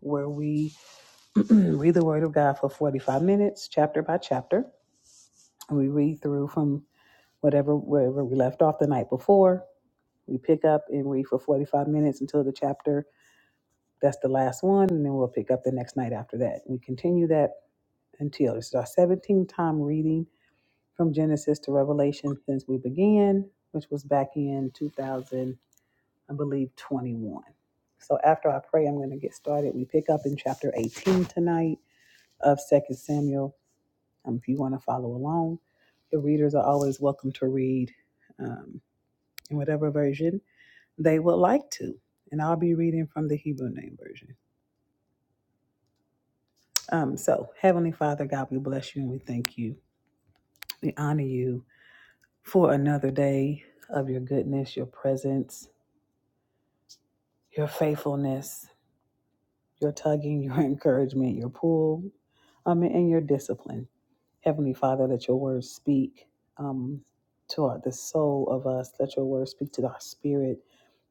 where we read the Word of God for 45 minutes, chapter by chapter. And we read through from whatever wherever we left off the night before. We pick up and read for 45 minutes until the chapter that's the last one, and then we'll pick up the next night after that. We continue that until this is our 17th time reading from Genesis to Revelation since we began, which was back in 2000, I believe, 21. So after I pray, I'm going to get started. We pick up in chapter 18 tonight of Second Samuel Um, if you want to follow along, the readers are always welcome to read um, in whatever version they would like to. And I'll be reading from the Hebrew name version. Um, so, Heavenly Father, God, we bless you and we thank you. We honor you for another day of your goodness, your presence, your faithfulness, your tugging, your encouragement, your pull, um, and your discipline. Heavenly Father, let your words speak um, to our, the soul of us. Let your words speak to our spirit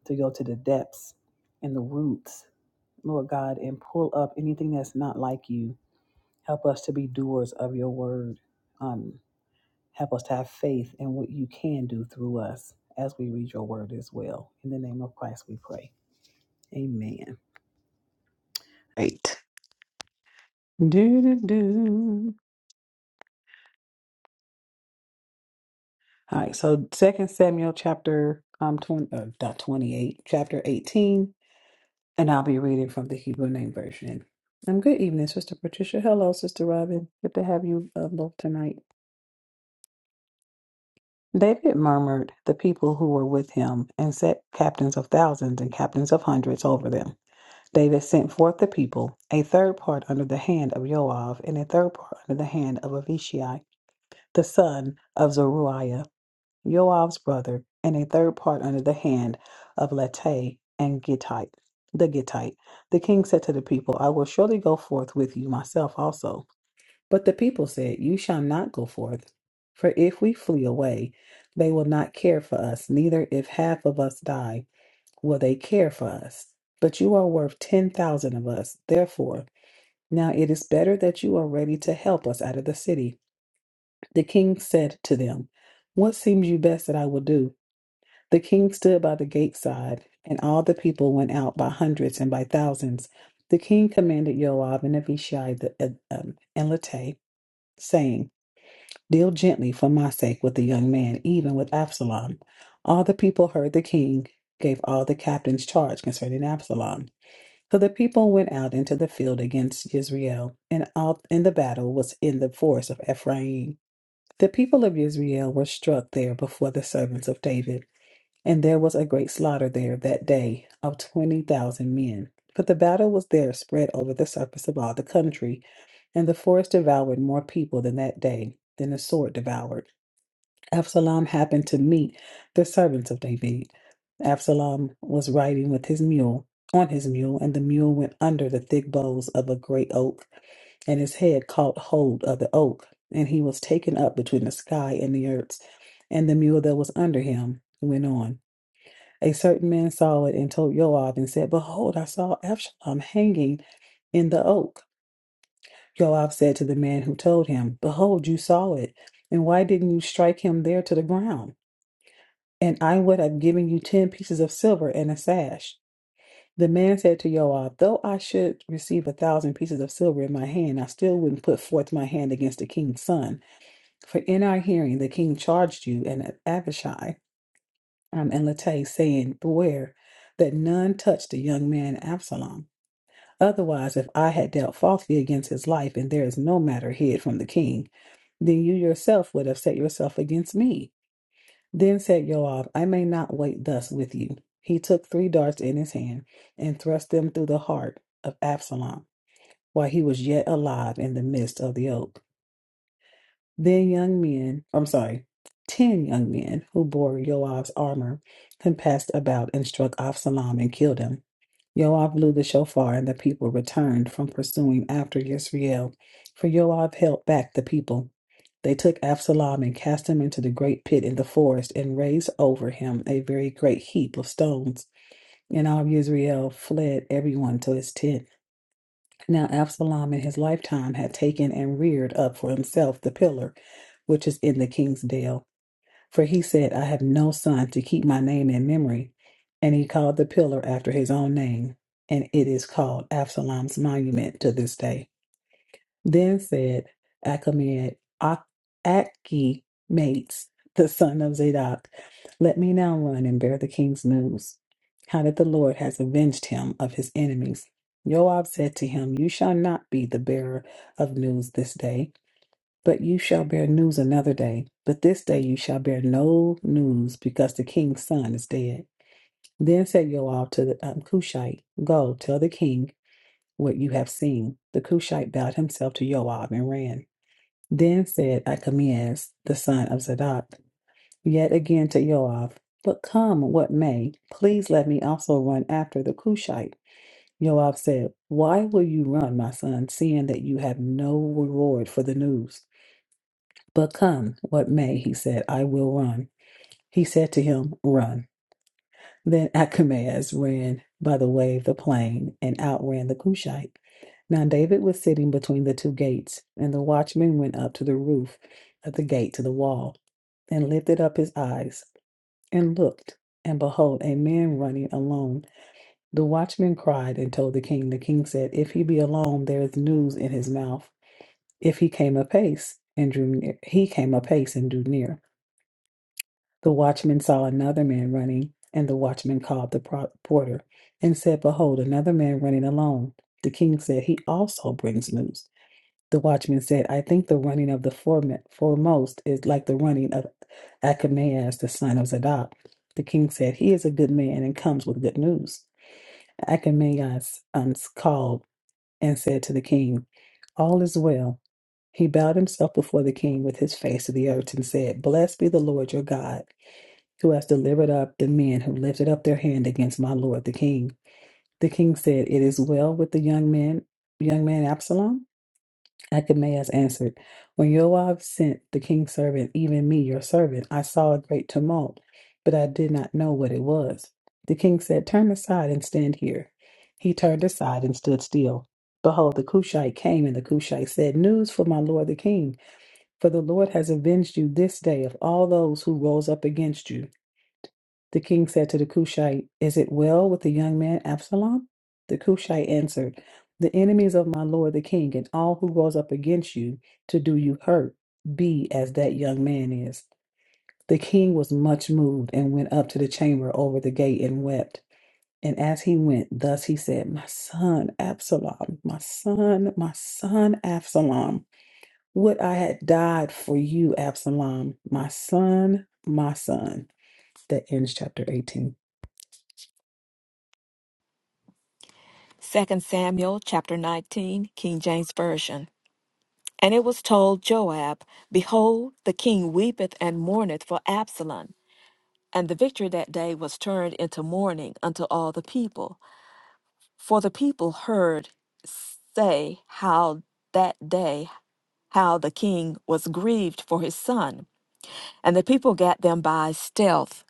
to go to the depths and the roots, Lord God, and pull up anything that's not like you. Help us to be doers of your word. Um, help us to have faith in what you can do through us as we read your word as well. In the name of Christ, we pray. Amen. Right. Do, do, do. All right. So, Second Samuel chapter um, 20, uh, not 28, chapter 18. And I'll be reading from the Hebrew Name Version. Um, good evening, Sister Patricia. Hello, Sister Robin. Good to have you uh, both tonight. David murmured the people who were with him and set captains of thousands and captains of hundreds over them. David sent forth the people, a third part under the hand of Joab and a third part under the hand of Avishai, the son of Zeruiah. Joab's brother, and a third part under the hand of Latay and Gittite, the Gittite. The king said to the people, I will surely go forth with you myself also. But the people said, You shall not go forth, for if we flee away, they will not care for us, neither if half of us die will they care for us. But you are worth ten thousand of us. Therefore, now it is better that you are ready to help us out of the city. The king said to them, What seems you best that I will do? The king stood by the gate side, and all the people went out by hundreds and by thousands. The king commanded Joab and Abishai the, uh, um, and Lattai, saying, Deal gently for my sake with the young man, even with Absalom. All the people heard the king gave all the captains charge concerning Absalom. So the people went out into the field against Israel, and all in the battle was in the forest of Ephraim. The people of Israel were struck there before the servants of David. And there was a great slaughter there that day of twenty thousand men. But the battle was there spread over the surface of all the country, and the forest devoured more people than that day than the sword devoured. Absalom happened to meet the servants of David. Absalom was riding with his mule on his mule, and the mule went under the thick boughs of a great oak, and his head caught hold of the oak, and he was taken up between the sky and the earth, and the mule that was under him went on. A certain man saw it and told Joab and said, Behold, I saw Absalom hanging in the oak. Joab said to the man who told him, Behold, you saw it, and why didn't you strike him there to the ground? And I would have given you ten pieces of silver and a sash. The man said to Joab, Though I should receive a thousand pieces of silver in my hand, I still wouldn't put forth my hand against the king's son. For in our hearing the king charged you and Abishai. um, and Latay, saying, Beware that none touch the young man Absalom. Otherwise, if I had dealt falsely against his life, and there is no matter hid from the king, then you yourself would have set yourself against me. Then said Joab, I may not wait thus with you. He took three darts in his hand and thrust them through the heart of Absalom while he was yet alive in the midst of the oak. Then young men, I'm sorry, ten young men who bore Yoav's armor compassed about and struck Absalom and killed him. Yoav blew the shofar, and the people returned from pursuing after Yisrael, for Yoav held back the people. They took Absalom and cast him into the great pit in the forest, and raised over him a very great heap of stones. And all Israel fled everyone to his tent. Now Absalom in his lifetime had taken and reared up for himself the pillar which is in the king's dale. For he said, I have no son to keep my name in memory. And he called the pillar after his own name, and it is called Absalom's monument to this day. Then said Achimed, Ach- Achimates, the son of Zadok, Let me now run and bear the king's news, how that the Lord has avenged him of his enemies. Joab said to him, You shall not be the bearer of news this day, but you shall bear news another day. But this day you shall bear no news, because the king's son is dead. Then said Joab to the um, Cushite, Go, tell the king what you have seen. The Cushite bowed himself to Joab and ran. Then said Achimeas, the son of Zadok, yet again to Joab, But come what may, please let me also run after the Cushite. Joab said, Why will you run, my son, seeing that you have no reward for the news? But come what may, he said, I will run. He said to him, Run. Then Achimeas ran by the way of the plain and outran the Cushite. Now David was sitting between the two gates, and the watchman went up to the roof of the gate to the wall. and lifted up his eyes and looked, and behold, a man running alone. The watchman cried and told the king. The king said, If he be alone, there is news in his mouth. If he came apace and drew near, he came apace and drew near. The watchman saw another man running, and the watchman called the porter and said, Behold, another man running alone. The king said, He also brings news the watchman said, I think the running of the forem- foremost is like the running of Achimaeus, the son of Zadok. The king said, He is a good man and comes with good news. Achimaeus um, called and said to the king, All is well. He bowed himself before the king with his face to the earth and said, Blessed be the Lord your God, who has delivered up the men who lifted up their hand against my lord the king. The king said, It is well with the young man, young man Absalom. Achimaeus answered, When Yoav sent the king's servant, even me, your servant, I saw a great tumult, but I did not know what it was. The king said, Turn aside and stand here. He turned aside and stood still. Behold, the Cushite came, and the Cushite said, News for my lord the king, for the Lord has avenged you this day of all those who rose up against you. The king said to the Cushite, Is it well with the young man Absalom? The Cushite answered, The enemies of my lord the king and all who rose up against you to do you hurt be as that young man is. The king was much moved and went up to the chamber over the gate and wept. And as he went, thus he said, My son Absalom, my son, my son Absalom, would I had died for you, Absalom, my son, my son. That ends chapter 18. Second Samuel chapter 19, King James Version. And it was told Joab, Behold, the king weepeth and mourneth for Absalom. And the victory that day was turned into mourning unto all the people. For the people heard say how that day how the king was grieved for his son. And the people gat them by stealth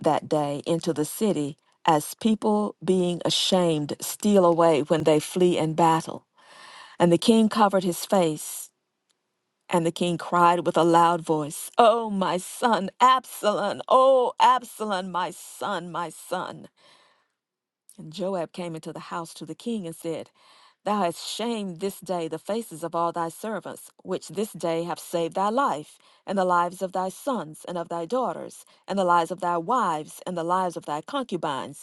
that day into the city, as people being ashamed steal away when they flee in battle. And the king covered his face. And the king cried with a loud voice, Oh, my son, Absalom! Oh, Absalom, my son, my son! And Joab came into the house to the king and said, Thou hast shamed this day the faces of all thy servants, which this day have saved thy life, and the lives of thy sons, and of thy daughters, and the lives of thy wives, and the lives of thy concubines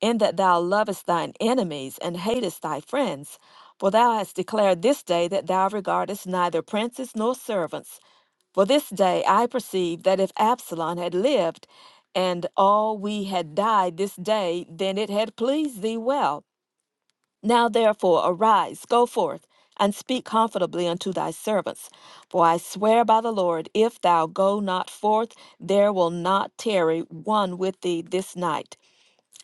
in that thou lovest thine enemies and hatest thy friends. For thou hast declared this day that thou regardest neither princes nor servants. For this day I perceive that if Absalom had lived, and all we had died this day, then it had pleased thee well. Now therefore arise, go forth, and speak comfortably unto thy servants. For I swear by the Lord, if thou go not forth, there will not tarry one with thee this night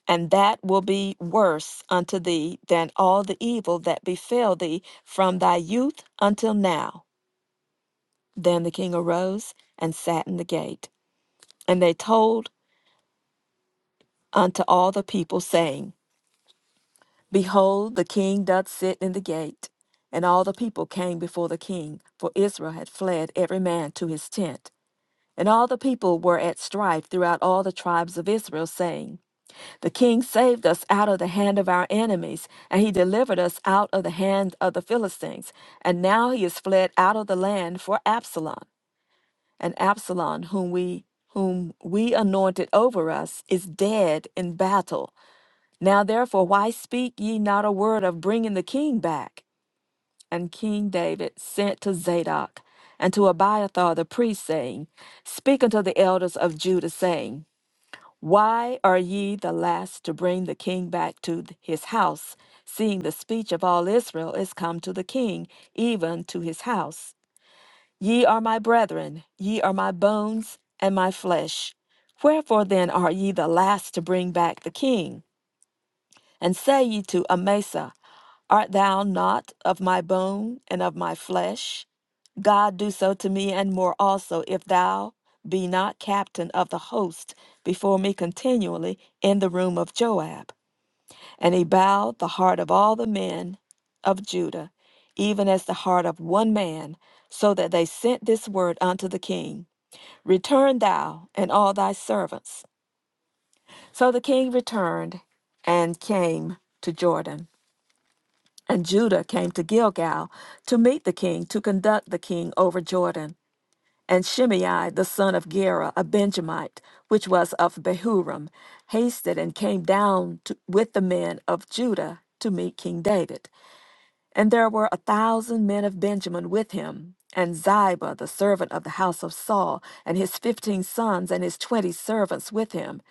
and that will be worse unto thee than all the evil that befell thee from thy youth until now. Then the king arose and sat in the gate. And they told unto all the people, saying, Behold, the king doth sit in the gate. And all the people came before the king, for Israel had fled every man to his tent. And all the people were at strife throughout all the tribes of Israel, saying, The king saved us out of the hand of our enemies, and he delivered us out of the hand of the Philistines. And now he is fled out of the land for Absalom. And Absalom, whom we whom we anointed over us, is dead in battle. Now therefore, why speak ye not a word of bringing the king back? And King David sent to Zadok and to Abiathar the priest, saying, Speak unto the elders of Judah, saying, why are ye the last to bring the king back to th- his house, seeing the speech of all Israel is come to the king, even to his house? Ye are my brethren, ye are my bones and my flesh. Wherefore then are ye the last to bring back the king? And say ye to Amasa, Art thou not of my bone and of my flesh? God do so to me and more also, if thou be not captain of the host before me continually in the room of Joab. And he bowed the heart of all the men of Judah, even as the heart of one man, so that they sent this word unto the king Return thou and all thy servants. So the king returned and came to Jordan. And Judah came to Gilgal to meet the king, to conduct the king over Jordan. And Shimei, the son of Gera, a Benjamite, which was of Behurim, hasted and came down to, with the men of Judah to meet King David. And there were a thousand men of Benjamin with him, and Ziba, the servant of the house of Saul, and his fifteen sons and his twenty servants with him.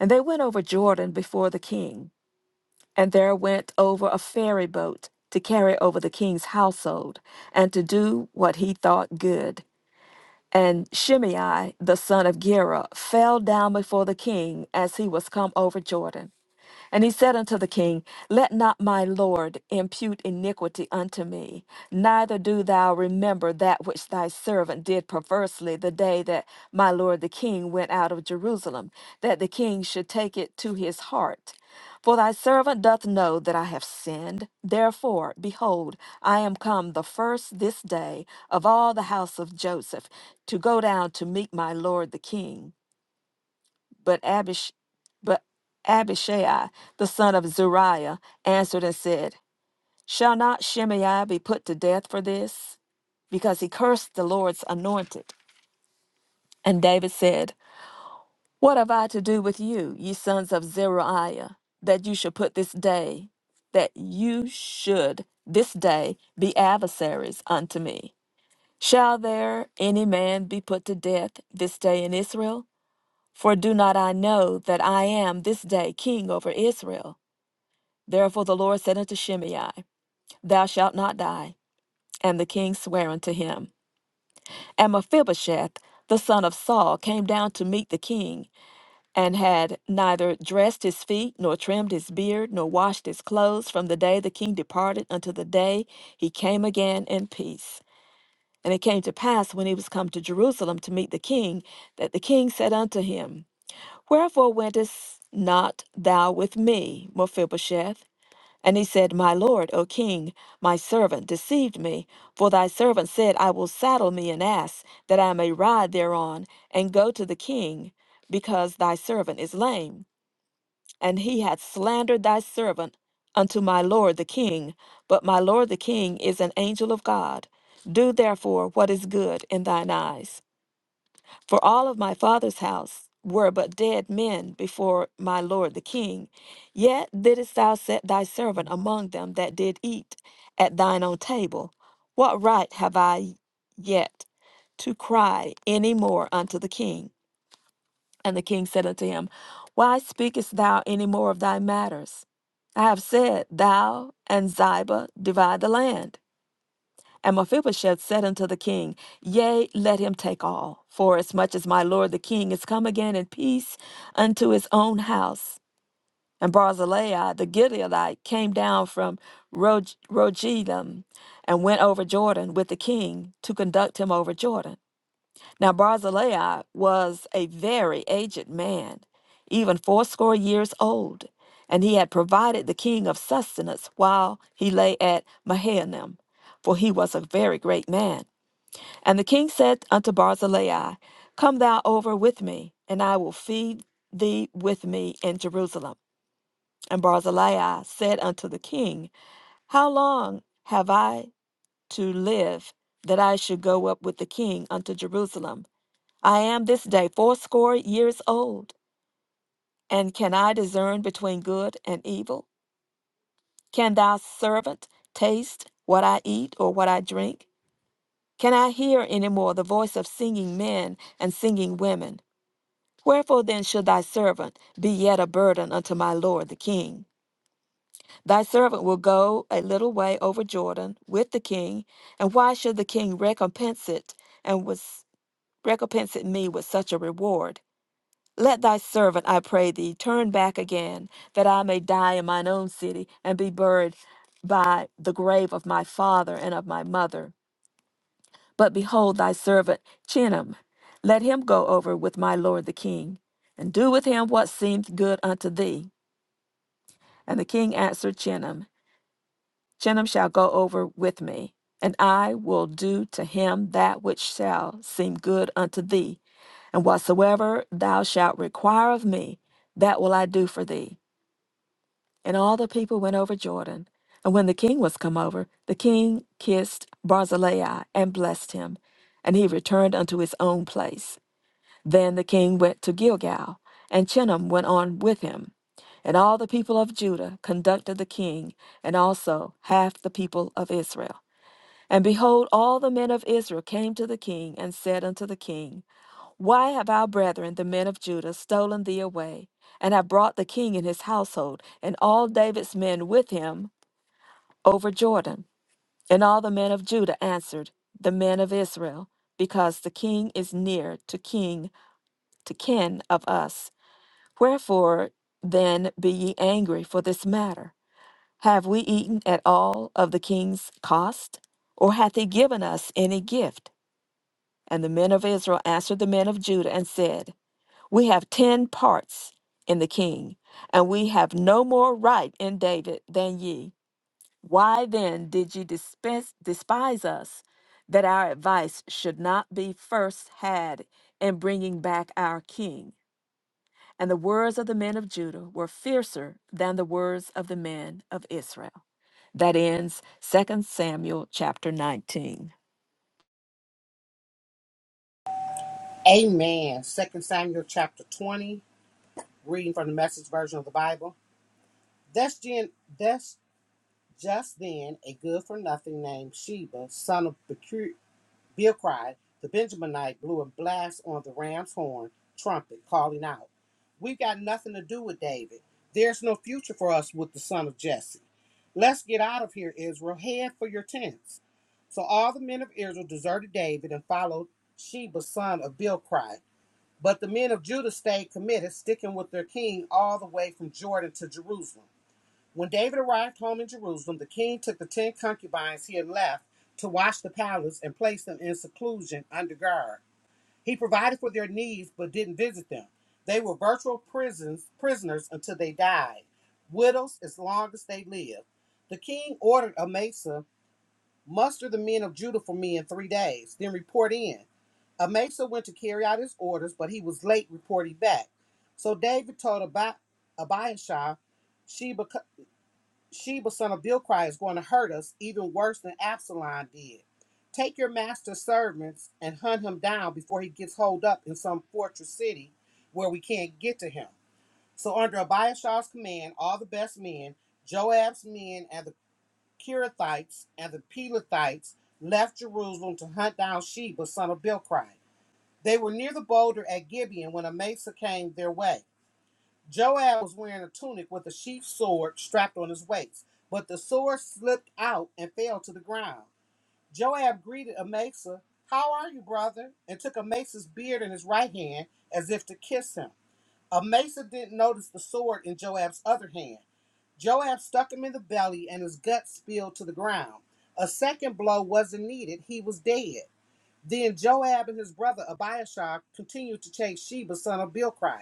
And they went over Jordan before the king. And there went over a ferry boat to carry over the king's household, and to do what he thought good. And Shimei the son of Gera fell down before the king as he was come over Jordan. And he said unto the king, Let not my lord impute iniquity unto me, neither do thou remember that which thy servant did perversely the day that my lord the king went out of Jerusalem, that the king should take it to his heart. For thy servant doth know that I have sinned. Therefore, behold, I am come the first this day of all the house of Joseph to go down to meet my lord the king. But Abish, but Abishai, the son of Zeruiah answered and said, Shall not Shimei be put to death for this? Because he cursed the Lord's anointed. And David said, What have I to do with you, ye sons of Zeruiah, that you should put this day, that you should this day be adversaries unto me? Shall there any man be put to death this day in Israel? For do not I know that I am this day king over Israel? Therefore the Lord said unto Shimei, Thou shalt not die. And the king sware unto him. And Mephibosheth, the son of Saul, came down to meet the king, and had neither dressed his feet, nor trimmed his beard, nor washed his clothes, from the day the king departed unto the day he came again in peace. And it came to pass, when he was come to Jerusalem to meet the king, that the king said unto him, Wherefore wentest not thou with me, Mephibosheth? And he said, My lord, O king, my servant deceived me, for thy servant said, I will saddle me an ass, that I may ride thereon, and go to the king, because thy servant is lame. And he hath slandered thy servant unto my lord the king. But my lord the king is an angel of God. Do therefore what is good in thine eyes. For all of my father's house were but dead men before my lord the king. Yet didst thou set thy servant among them that did eat at thine own table. What right have I yet to cry any more unto the king? And the king said unto him, Why speakest thou any more of thy matters? I have said, Thou and Ziba divide the land. And Mephibosheth said unto the king, Yea, let him take all, for as much as my lord the king is come again in peace unto his own house. And Barzillai the Gileadite came down from Rog- Rogelim and went over Jordan with the king to conduct him over Jordan. Now Barzillai was a very aged man, even fourscore years old, and he had provided the king of sustenance while he lay at Mahanaim, for he was a very great man. And the king said unto Barzillai, Come thou over with me, and I will feed thee with me in Jerusalem. And Barzillai said unto the king, How long have I to live that I should go up with the king unto Jerusalem? I am this day fourscore years old, and can I discern between good and evil? Can thy servant taste what I eat or what I drink? Can I hear any more the voice of singing men and singing women? Wherefore then should thy servant be yet a burden unto my lord the king? Thy servant will go a little way over Jordan with the king, and why should the king recompense it and was recompense it me with such a reward? Let thy servant, I pray thee, turn back again, that I may die in mine own city, and be buried by the grave of my father and of my mother. But behold, thy servant Chinnam, let him go over with my lord the king, and do with him what seemeth good unto thee. And the king answered Chinnam, Chinnam shall go over with me, and I will do to him that which shall seem good unto thee. And whatsoever thou shalt require of me, that will I do for thee. And all the people went over Jordan. And when the king was come over, the king kissed Barzillai and blessed him. And he returned unto his own place. Then the king went to Gilgal, and Chinnam went on with him. And all the people of Judah conducted the king, and also half the people of Israel. And behold, all the men of Israel came to the king and said unto the king, Why have our brethren, the men of Judah, stolen thee away, and have brought the king and his household, and all David's men with him, over Jordan? And all the men of Judah answered, The men of Israel, because the king is near to king to kin of us. Wherefore then be ye angry for this matter? Have we eaten at all of the king's cost? Or hath he given us any gift? And the men of Israel answered the men of Judah and said, We have ten parts in the king, and we have no more right in David than ye. Why then did ye dispense, despise us that our advice should not be first had in bringing back our king? And the words of the men of Judah were fiercer than the words of the men of Israel. That ends Second Samuel chapter 19. Amen. Second Samuel chapter 20, reading from the message version of the Bible. That's, gen, that's just then a good for nothing named Sheba, son of Bicu- Bilcri, the Benjaminite, blew a blast on the ram's horn trumpet, calling out, We've got nothing to do with David. There's no future for us with the son of Jesse. Let's get out of here, Israel. Head for your tents. So all the men of Israel deserted David and followed Sheba, son of Bilcri. But the men of Judah stayed committed, sticking with their king all the way from Jordan to Jerusalem. When David arrived home in Jerusalem, the king took the ten concubines he had left to watch the palace and placed them in seclusion under guard. He provided for their needs but didn't visit them. They were virtual prisons, prisoners until they died, widows as long as they lived. The king ordered Amasa Muster the men of Judah for me in three days, then report in. Amasa went to carry out his orders, but he was late reporting back. So David told Abi- Abiashai, Sheba, Sheba son of Bilcry is going to hurt us even worse than Absalom did. Take your master's servants and hunt him down before he gets holed up in some fortress city where we can't get to him. So under Abiashai's command, all the best men, Joab's men, and the Kirathites and the Pelathites left Jerusalem to hunt down Sheba, son of Bilcry. They were near the boulder at Gibeon when a mesa came their way. Joab was wearing a tunic with a sheath sword strapped on his waist, but the sword slipped out and fell to the ground. Joab greeted Amasa, How are you, brother? and took Amasa's beard in his right hand as if to kiss him. Amasa didn't notice the sword in Joab's other hand. Joab stuck him in the belly and his guts spilled to the ground. A second blow wasn't needed, he was dead. Then Joab and his brother Abiashar continued to chase Sheba, son of Bilcry.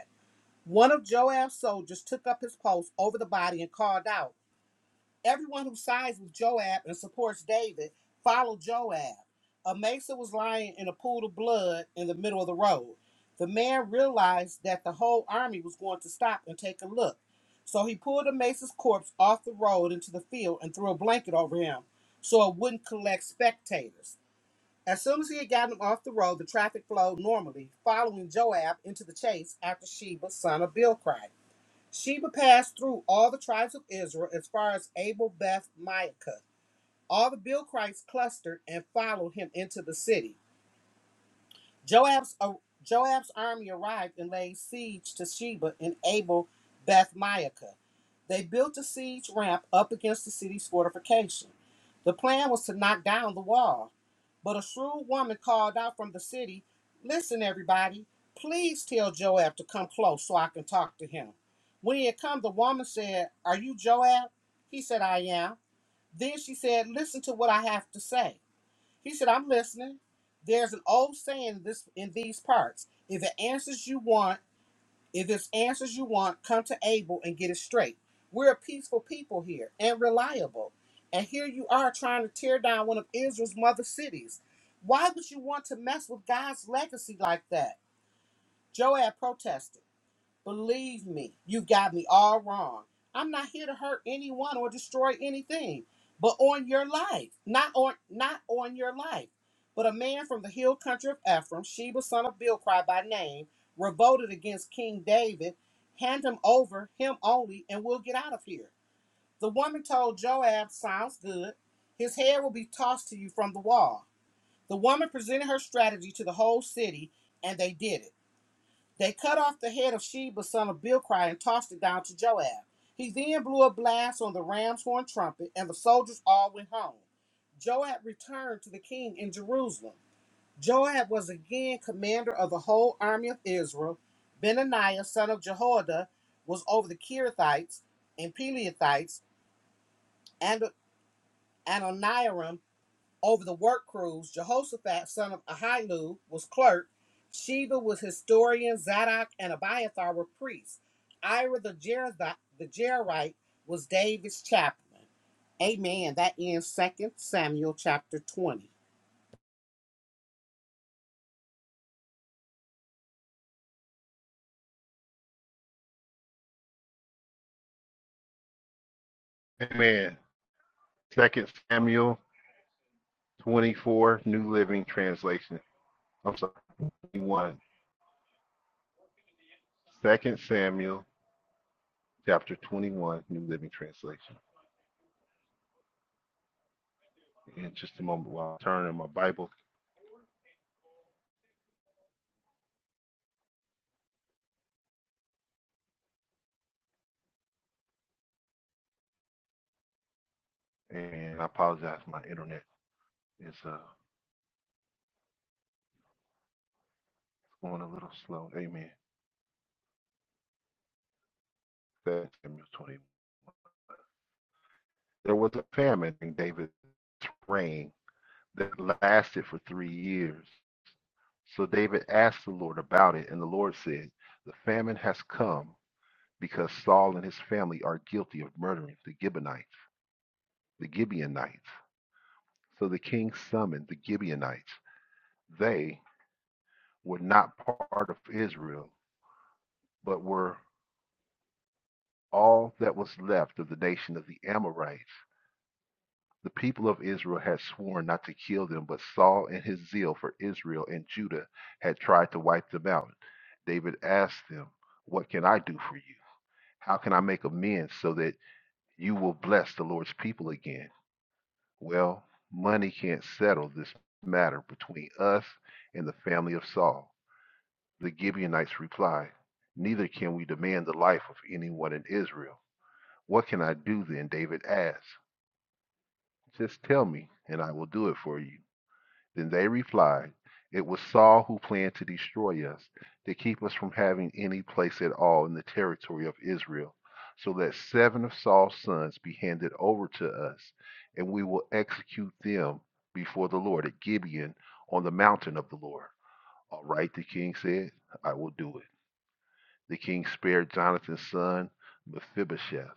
One of Joab's soldiers took up his post over the body and called out, Everyone who sides with Joab and supports David followed Joab. Amasa was lying in a pool of blood in the middle of the road. The man realized that the whole army was going to stop and take a look. So he pulled Amasa's corpse off the road into the field and threw a blanket over him so it wouldn't collect spectators. As soon as he had gotten him off the road, the traffic flowed normally, following Joab into the chase after Sheba, son of Bilcry. Sheba passed through all the tribes of Israel as far as Abel Beth Maacah. All the Bilchrites clustered and followed him into the city. Joab's, uh, Joab's army arrived and laid siege to Sheba and Abel Beth Maacah. They built a siege ramp up against the city's fortification. The plan was to knock down the wall, but a shrewd woman called out from the city, Listen, everybody, please tell Joab to come close so I can talk to him. When he had come, the woman said, Are you Joab? He said, I am. Then she said, Listen to what I have to say. He said, I'm listening. There's an old saying in this in these parts. If it answers you want, if it's answers you want, come to Abel and get it straight. We're a peaceful people here and reliable. And here you are trying to tear down one of Israel's mother cities. Why would you want to mess with God's legacy like that? Joab protested. Believe me, you've got me all wrong. I'm not here to hurt anyone or destroy anything, but on your life, not on not on your life. But a man from the hill country of Ephraim, Sheba son of Bilcry by name, revolted against King David. Hand him over, him only, and we'll get out of here. The woman told Joab, "Sounds good. His head will be tossed to you from the wall." The woman presented her strategy to the whole city, and they did it. They cut off the head of Sheba, son of Bilcry, and tossed it down to Joab. He then blew a blast on the ram's horn trumpet, and the soldiers all went home. Joab returned to the king in Jerusalem. Joab was again commander of the whole army of Israel. Benaniah, son of Jehoiada, was over the Kirithites and Peleithites, and Ananiaram over the work crews, Jehoshaphat, son of Ahilud, was clerk. Sheba was historian. Zadok and Abiathar were priests. Ira the Jerith- the Jerite was David's chaplain. Amen. That ends Second Samuel chapter 20. Amen. Second Samuel 24, New Living Translation. I'm sorry, 21. Second Samuel chapter 21, New Living Translation. In just a moment while I turn in my Bible, and I apologize, my internet is uh, going a little slow. Amen. Second Samuel 21. There was a famine in David's reign that lasted for three years. So David asked the Lord about it, and the Lord said, The famine has come because Saul and his family are guilty of murdering the Gibeonites, the Gibeonites. So the king summoned the Gibeonites. They were not part of Israel, but were all that was left of the nation of the Amorites. The people of Israel had sworn not to kill them, but Saul, in his zeal for Israel and Judah, had tried to wipe them out. David asked them, What can I do for you? How can I make amends so that you will bless the Lord's people again? Well, money can't settle this matter between us and the family of Saul. The Gibeonites replied, Neither can we demand the life of anyone in Israel. What can I do then? David asked. Just tell me, and I will do it for you. Then they replied, It was Saul who planned to destroy us, to keep us from having any place at all in the territory of Israel, so that seven of Saul's sons be handed over to us, and we will execute them before the Lord at Gibeon on the mountain of the Lord. All right, the king said, I will do it. The king spared Jonathan's son, Mephibosheth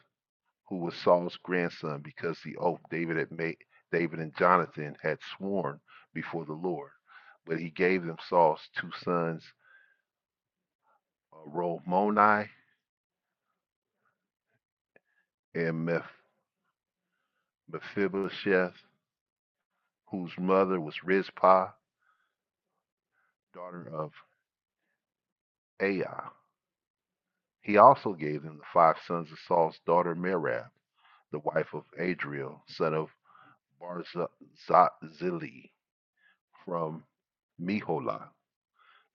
who was Saul's grandson, because the oath David had made, David and Jonathan had sworn before the Lord. But he gave them Saul's two sons, uh, Romoni and Mephibosheth, whose mother was Rizpah, daughter of Aiah. He also gave them the five sons of Saul's daughter Merab, the wife of Adriel, son of Barzillai from Meholah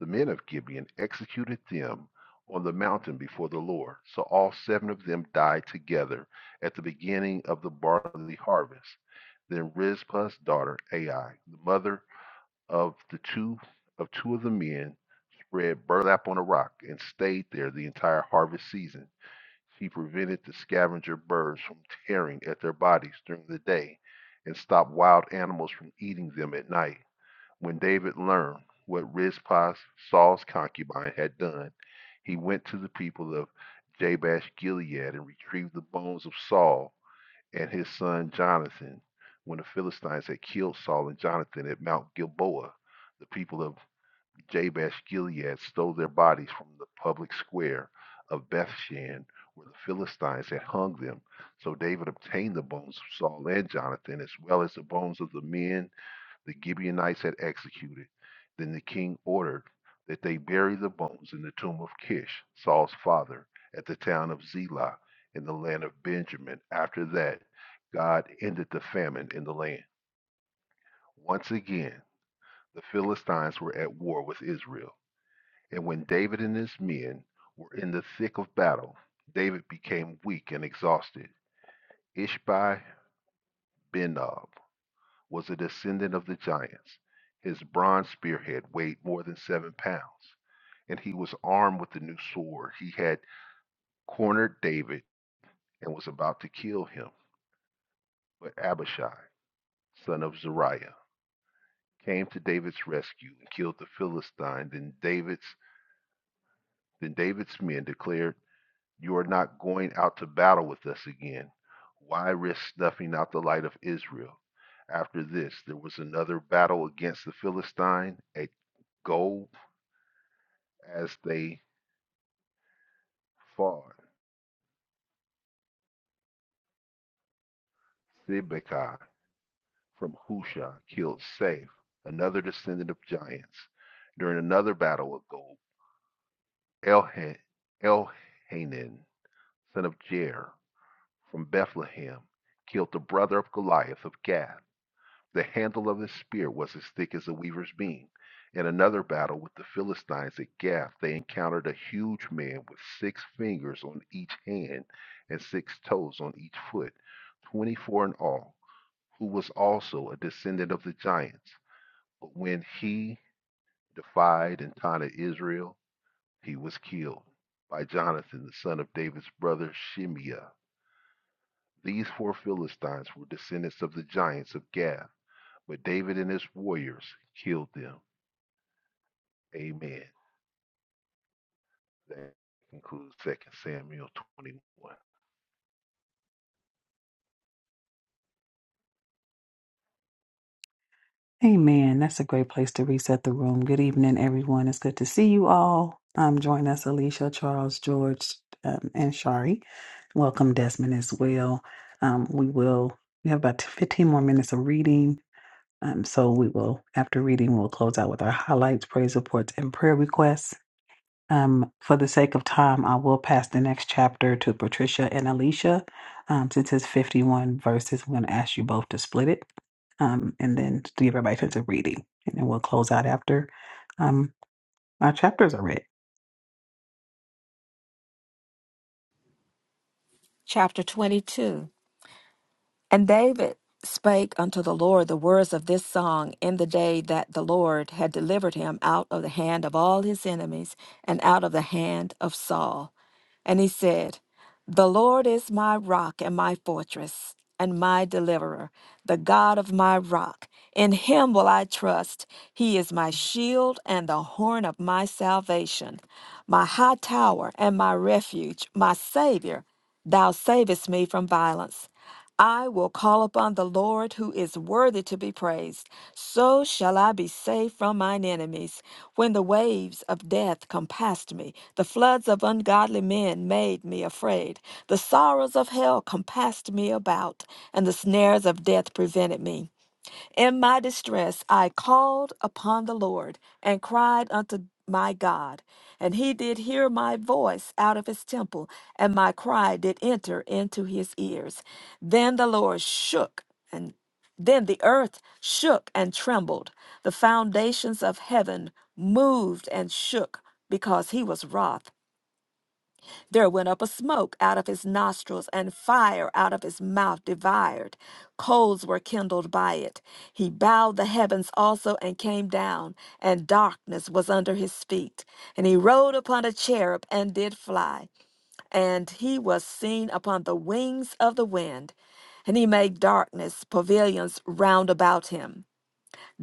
The men of Gibeon executed them on the mountain before the Lord. So all seven of them died together at the beginning of the barley harvest. Then Rizpah's daughter Ai, the mother of the two of two of the men, spread burlap on a rock and stayed there the entire harvest season. She prevented the scavenger birds from tearing at their bodies during the day and stopped wild animals from eating them at night. When David learned what Rizpah, Saul's concubine, had done, he went to the people of Jabesh Gilead and retrieved the bones of Saul and his son Jonathan. When the Philistines had killed Saul and Jonathan at Mount Gilboa, the people of Jabesh Gilead stole their bodies from the public square of Bethshan, where the Philistines had hung them. So David obtained the bones of Saul and Jonathan, as well as the bones of the men the Gibeonites had executed. Then the king ordered that they bury the bones in the tomb of Kish, Saul's father, at the town of Zelah in the land of Benjamin. After that, God ended the famine in the land. Once again, the Philistines were at war with Israel. And when David and his men were in the thick of battle, David became weak and exhausted. Ishbi Benob was a descendant of the giants. His bronze spearhead weighed more than seven pounds, and he was armed with the new sword. He had cornered David and was about to kill him. But Abishai, son of Zeruiah, came to David's rescue and killed the Philistine. Then David's then David's men declared, You are not going out to battle with us again. Why risk snuffing out the light of Israel? After this, there was another battle against the Philistine at Gold As they fought, Sibekai from Husha killed Saif, another descendant of giants. During another battle with Gold, Elhanan, son of Jair from Bethlehem, killed the brother of Goliath of Gath. The handle of his spear was as thick as a weaver's beam. In another battle with the Philistines at Gath, they encountered a huge man with six fingers on each hand and six toes on each foot, 24 in all. who was also a descendant of the giants. But when he defied and taunted Israel, he was killed by Jonathan, the son of David's brother Shimeah. These four Philistines were descendants of the giants of Gath, but David and his warriors killed them. Amen. That concludes 2 Samuel 21. Amen. That's a great place to reset the room. Good evening, everyone. It's good to see you all. Um, join us, Alicia, Charles, George, um, and Shari. Welcome, Desmond, as well. Um, we will. We have about 15 more minutes of reading. Um, so we will, after reading, we'll close out with our highlights, praise reports, and prayer requests. Um, for the sake of time, I will pass the next chapter to Patricia and Alicia. Um, since it's 51 verses, I'm going to ask you both to split it um, and then to give everybody a chance of reading. And then we'll close out after um, our chapters are read. Chapter 22 And David spake unto the Lord the words of this song in the day that the Lord had delivered him out of the hand of all his enemies and out of the hand of Saul. And he said, The Lord is my rock and my fortress and my deliverer, the God of my rock. In him will I trust. He is my shield and the horn of my salvation, my high tower and my refuge, my Savior. Thou savest me from violence. I will call upon the Lord who is worthy to be praised. So shall I be saved from mine enemies. When the waves of death compassed me, the floods of ungodly men made me afraid. The sorrows of hell compassed me about, and the snares of death prevented me. In my distress, I called upon the Lord and cried unto my God. And he did hear my voice out of his temple, and my cry did enter into his ears. Then the Lord shook, and then the earth shook and trembled. The foundations of heaven moved and shook because he was wroth. There went up a smoke out of his nostrils, and fire out of his mouth devoured. Coals were kindled by it. He bowed the heavens also and came down, and darkness was under his feet. And he rode upon a cherub and did fly, and he was seen upon the wings of the wind. And he made darkness pavilions round about him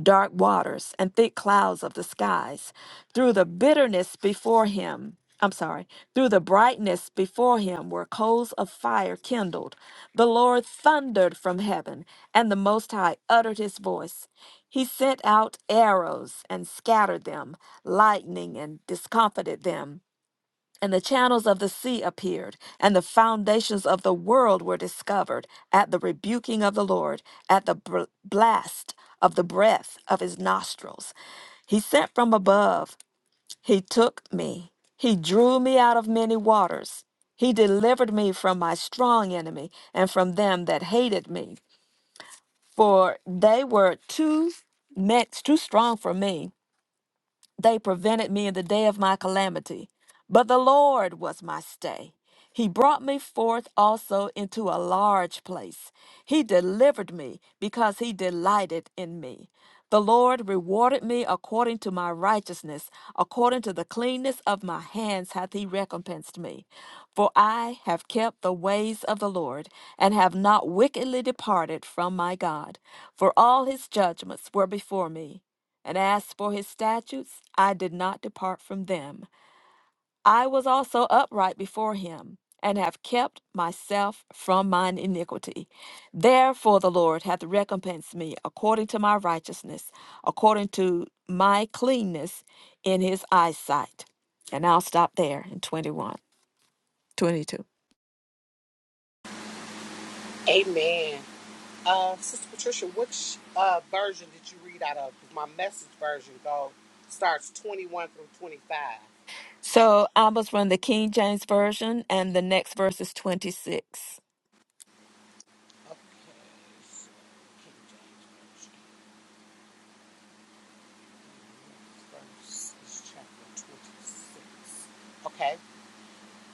dark waters and thick clouds of the skies, through the bitterness before him. I'm sorry, through the brightness before him were coals of fire kindled. The Lord thundered from heaven, and the Most High uttered his voice. He sent out arrows and scattered them, lightning and discomfited them. And the channels of the sea appeared, and the foundations of the world were discovered at the rebuking of the Lord, at the br- blast of the breath of his nostrils. He sent from above, he took me, he drew me out of many waters. He delivered me from my strong enemy and from them that hated me, for they were too much too strong for me they prevented me in the day of my calamity, but the Lord was my stay. He brought me forth also into a large place. He delivered me because he delighted in me. The Lord rewarded me according to my righteousness, according to the cleanness of my hands hath he recompensed me. For I have kept the ways of the Lord, and have not wickedly departed from my God. For all his judgments were before me, and as for his statutes, I did not depart from them. I was also upright before him, and have kept myself from mine iniquity. Therefore the Lord hath recompensed me according to my righteousness, according to my cleanness in his eyesight. And I'll stop there in 21, 22. Amen. Uh, Sister Patricia, which uh, version did you read out of? 'Cause My message version go starts 21 through 25. So I was from the King James Version, and the next verse is 26. Okay. so, King James Version. First chapter 26. Okay.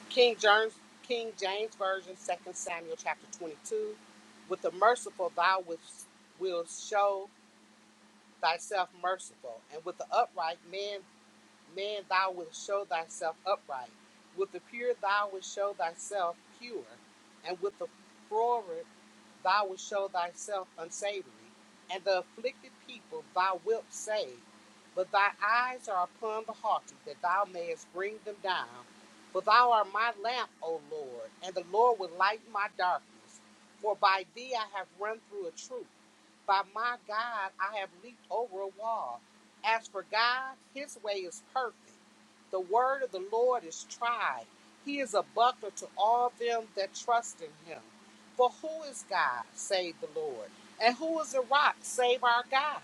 King James, King James Version, Second Samuel chapter 22. With the merciful, thou wilt- wilt show thyself merciful, and with the upright man man thou wilt show thyself upright. With the pure thou wilt show thyself pure, and with the froward thou wilt show thyself unsavory, and the afflicted people thou wilt save. But thy eyes are upon the haughty, that thou mayest bring them down. For thou art my lamp, O Lord, and the Lord will lighten my darkness. For by thee I have run through a troop by my God, I have leaped over a wall. As for God, his way is perfect. The word of the Lord is tried. He is a buckler to all them that trust in him. For who is God, save the Lord? And who is the rock, save our God?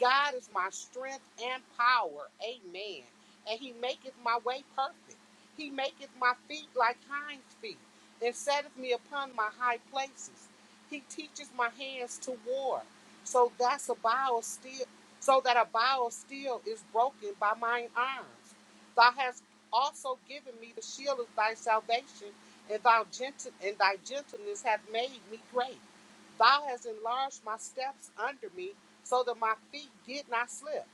God is my strength and power. Amen. And he maketh my way perfect. He maketh my feet like hinds feet, and setteth me upon my high places. He teaches my hands to war so that's a bow of steel, so that a bow of steel is broken by mine arms. Thou hast also given me the shield of thy salvation, and thou gentle and thy gentleness hath made me great. Thou hast enlarged my steps under me, so that my feet did not slip.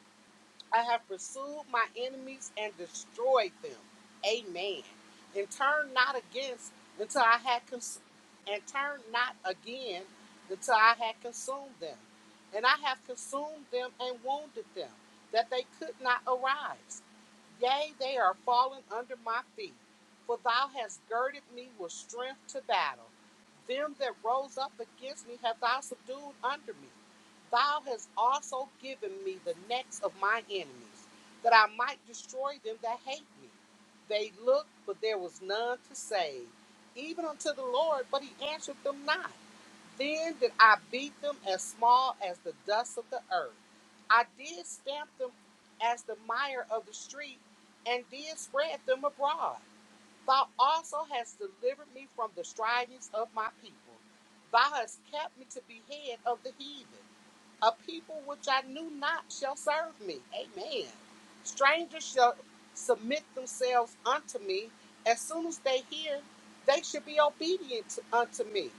I have pursued my enemies and destroyed them. Amen. And turn not against until I had cons- and turn not again until I had consumed them. And I have consumed them and wounded them, that they could not arise. Yea, they are fallen under my feet. For thou hast girded me with strength to battle. Them that rose up against me have thou subdued under me. Thou hast also given me the necks of my enemies, that I might destroy them that hate me. They looked, but there was none to save, even unto the Lord, but he answered them not. Then did I beat them as small as the dust of the earth. I did stamp them as the mire of the street, and did spread them abroad. Thou also hast delivered me from the strivings of my people. Thou hast kept me to be head of the heathen. A people which I knew not shall serve me. Amen. Strangers shall submit themselves unto me. As soon as they hear, they should be obedient to- unto me.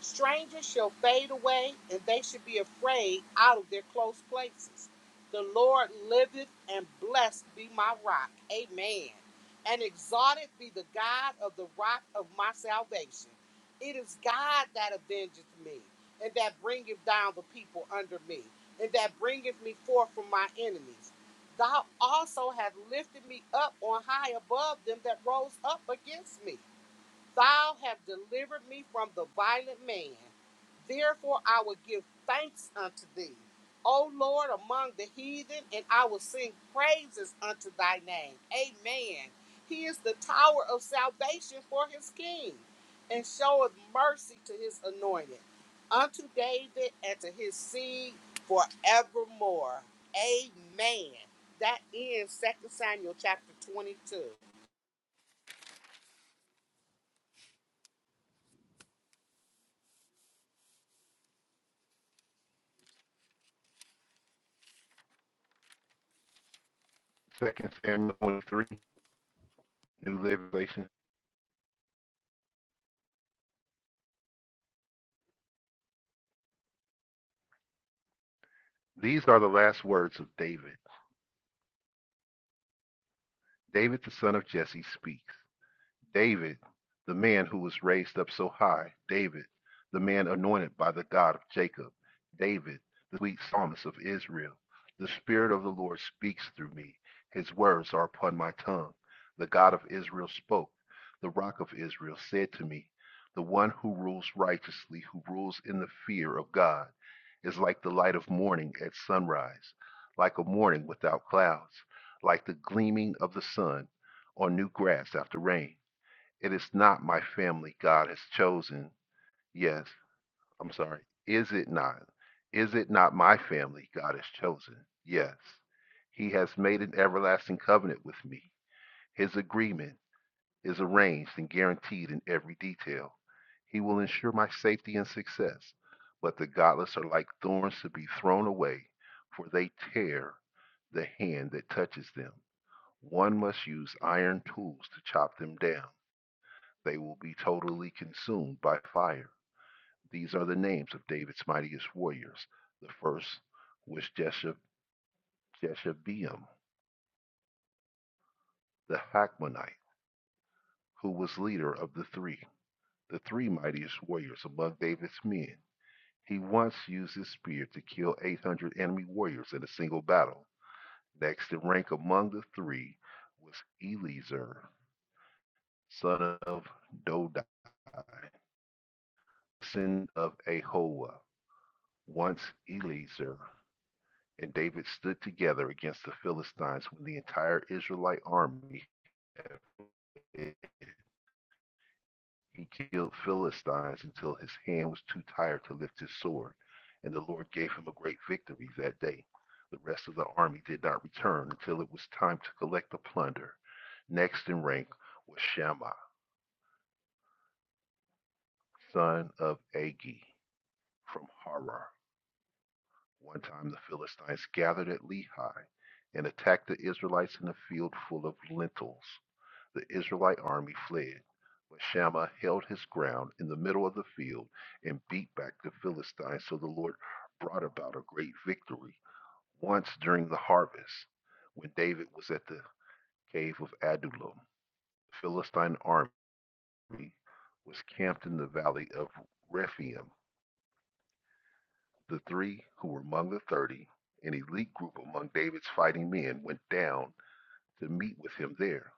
Strangers shall fade away, and they should be afraid out of their close places. The Lord liveth, and blessed be my rock. Amen. And exalted be the God of the rock of my salvation. It is God that avenges me and that bringeth down the people under me, and that bringeth me forth from my enemies. Thou also hast lifted me up on high above them that rose up against me. Thou have delivered me from the violent man. Therefore, I will give thanks unto thee, O Lord, among the heathen, and I will sing praises unto thy name. Amen. He is the tower of salvation for his king, and showeth mercy to his anointed, unto David and to his seed forevermore. Amen. That ends Second Samuel chapter 22. 2 Samuel 23, New Living Translation. These are the last words of David. David, the son of Jesse, speaks. David, the man who was raised up so high, David, the man anointed by the God of Jacob, David, the sweet psalmist of Israel. The Spirit of the Lord speaks through me. His words are upon my tongue. The God of Israel spoke. The rock of Israel said to me, The one who rules righteously, who rules in the fear of God, is like the light of morning at sunrise, like a morning without clouds, like the gleaming of the sun on new grass after rain. It is not my family God has chosen. Yes, I'm sorry. Is it not? Is it not my family God has chosen? Yes. He has made an everlasting covenant with me. His agreement is arranged and guaranteed in every detail. He will ensure my safety and success. But the godless are like thorns to be thrown away, for they tear the hand that touches them. One must use iron tools to chop them down. They will be totally consumed by fire. These are the names of David's mightiest warriors. The first was Jeshab, Jeshabeam, the Hakmonite, who was leader of the three, the three mightiest warriors among David's men. He once used his spear to kill 800 enemy warriors in a single battle. Next in rank among the three was Eliezer, son of Dodai, son of Ahoa. Once Eliezer And David stood together against the Philistines with the entire Israelite army. He killed Philistines until his hand was too tired to lift his sword, and the Lord gave him a great victory that day. The rest of the army did not return until it was time to collect the plunder. Next in rank was Shammah, son of Agi, from Harar. One time the Philistines gathered at Lehi and attacked the Israelites in a field full of lentils. The Israelite army fled, but Shammah held his ground in the middle of the field and beat back the Philistines. So the Lord brought about a great victory once during the harvest when David was at the cave of Adullam. The Philistine army was camped in the valley of Rephaim. The three who were among the thirty, an elite group among David's fighting men, went down to meet with him there.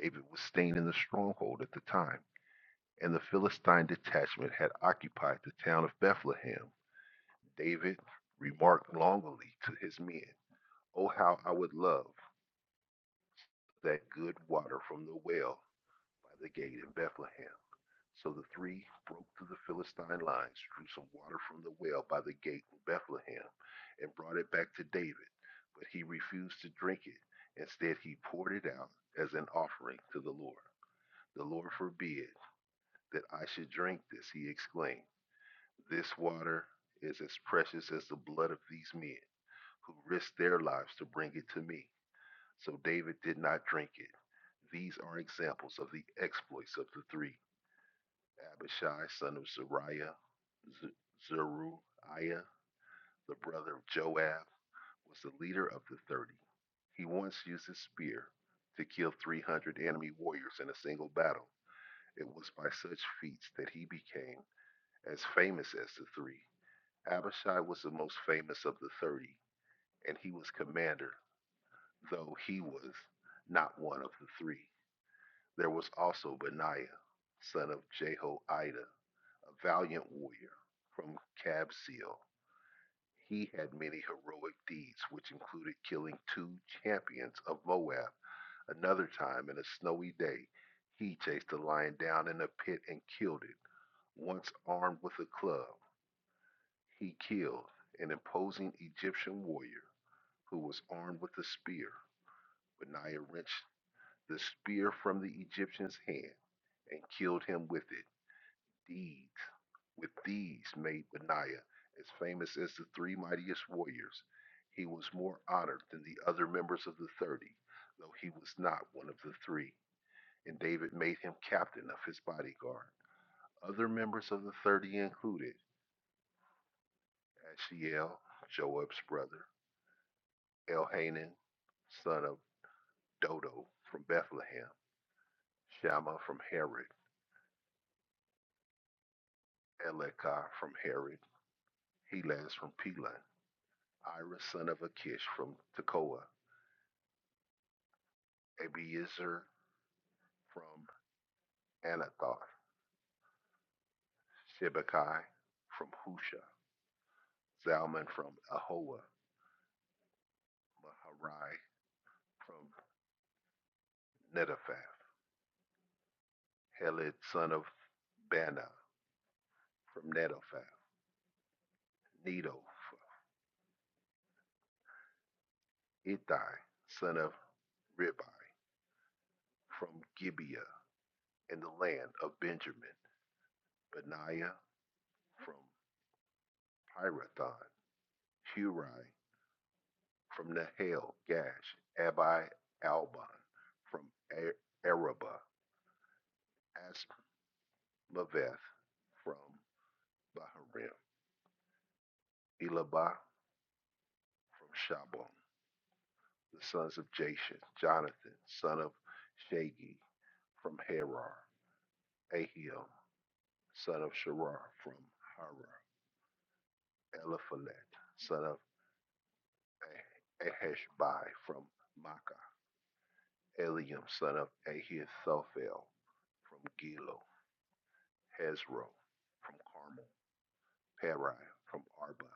David was staying in the stronghold at the time. and the Philistine detachment had occupied the town of Bethlehem, David remarked longingly to his men, Oh, how I would love that good water from the well by the gate in Bethlehem. So the three broke through the Philistine lines, drew some water from the well by the gate in Bethlehem, and brought it back to David. But he refused to drink it. Instead, he poured it out as an offering to the Lord. The Lord forbid that I should drink this, he exclaimed. This water is as precious as the blood of these men who risked their lives to bring it to me. So David did not drink it. These are examples of the exploits of the three Abishai, son of Zariah, Z- Zeruiah, the brother of Joab, was the leader of the 30. He once used his spear to kill 300 enemy warriors in a single battle. It was by such feats that he became as famous as the three. Abishai was the most famous of the 30, and he was commander, though he was not one of the three. There was also Benaiah, son of Jehoiada, a valiant warrior from Kabzeel. He had many heroic deeds, which included killing two champions of Moab. Another time, in a snowy day, he chased a lion down in a pit and killed it. Once armed with a club, he killed an imposing Egyptian warrior who was armed with a spear. Benaiah wrenched the spear from the Egyptian's hand and killed him with it. Deeds with these made Benaiah as famous as the three mightiest warriors. He was more honored than the other members of the thirty, though he was not one of the three, and David made him captain of his bodyguard. Other members of the thirty included Ashiel, Joab's brother, Elhanan, son of Dodo from Bethlehem, Shammah from Herod, Elekah from Herod, Helaz from Pelah, Ira son of Akish from Tekoa, Abiezer from Anathoth, Shibekai from Husha, Zalman from Ahoa, Maharai from Netophath, Heled son of Bana from Netophath, Nedo, Ittai son of Ribai from Gibeah in the land of Benjamin, Benaiah from Pirathon, Hurai from Nahel, Gash, Abi Albon from A- Araba, Asmaveth from Baharim, Elabah from Shabon, the sons of Jashan, Jonathan, son of Shagi from Harar, Ahio, son of Sharar from Harar, Eliphalet, son of Aheshbai from Makkah, Eliam, son of Ahithophel from Gilo, Hezro from Carmel. Paran from Arba,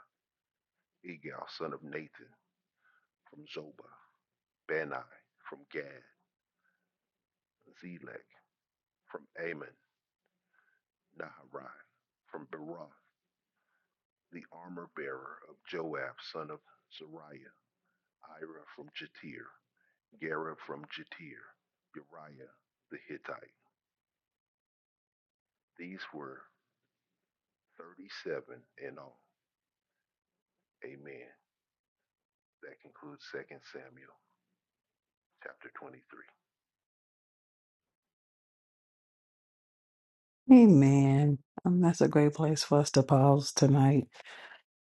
Igal son of Nathan from Zobah, Bani from Gad, Zelek from Ammon, Naharai from Beroth, the armor bearer of Joab son of Zariah, Ira from Jatir, Gera from Jatir, Uriah the Hittite. These were 37 in all. Amen. That concludes Second Samuel chapter 23. Amen. Um, that's a great place for us to pause tonight.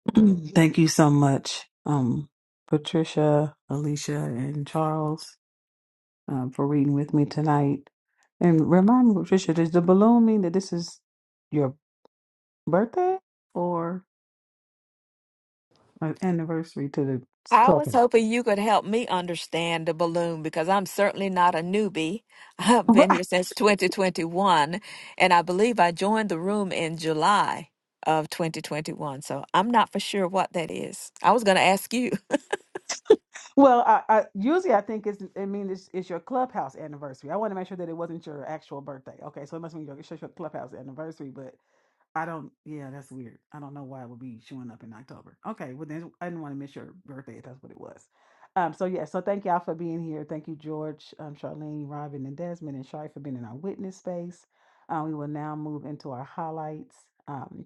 Thank you so much, um, Patricia, Alicia, and Charles, um, for reading with me tonight. And remind me, Patricia, does the balloon mean that this is? your? birthday or an anniversary to the I club? was hoping you could help me understand the balloon because I'm certainly not a newbie. I've been Right. here since 2021, and I believe I joined the room in July of 2021. So I'm not for sure what that is. I was going to ask you. Well, I, I usually I think it's I mean it's, it's your clubhouse anniversary. I want to make sure that it wasn't your actual birthday. Okay, so it must mean your, it's just your clubhouse anniversary. But I don't. Yeah, that's weird. I don't know why it would be showing up in October. Okay, well then I didn't want to miss your birthday if that's what it was. Um. So yeah. So thank y'all for being here. Thank you, George, um, Charlene, Robin, and Desmond, and Shari for being in our witness space. Uh, we will now move into our highlights, um,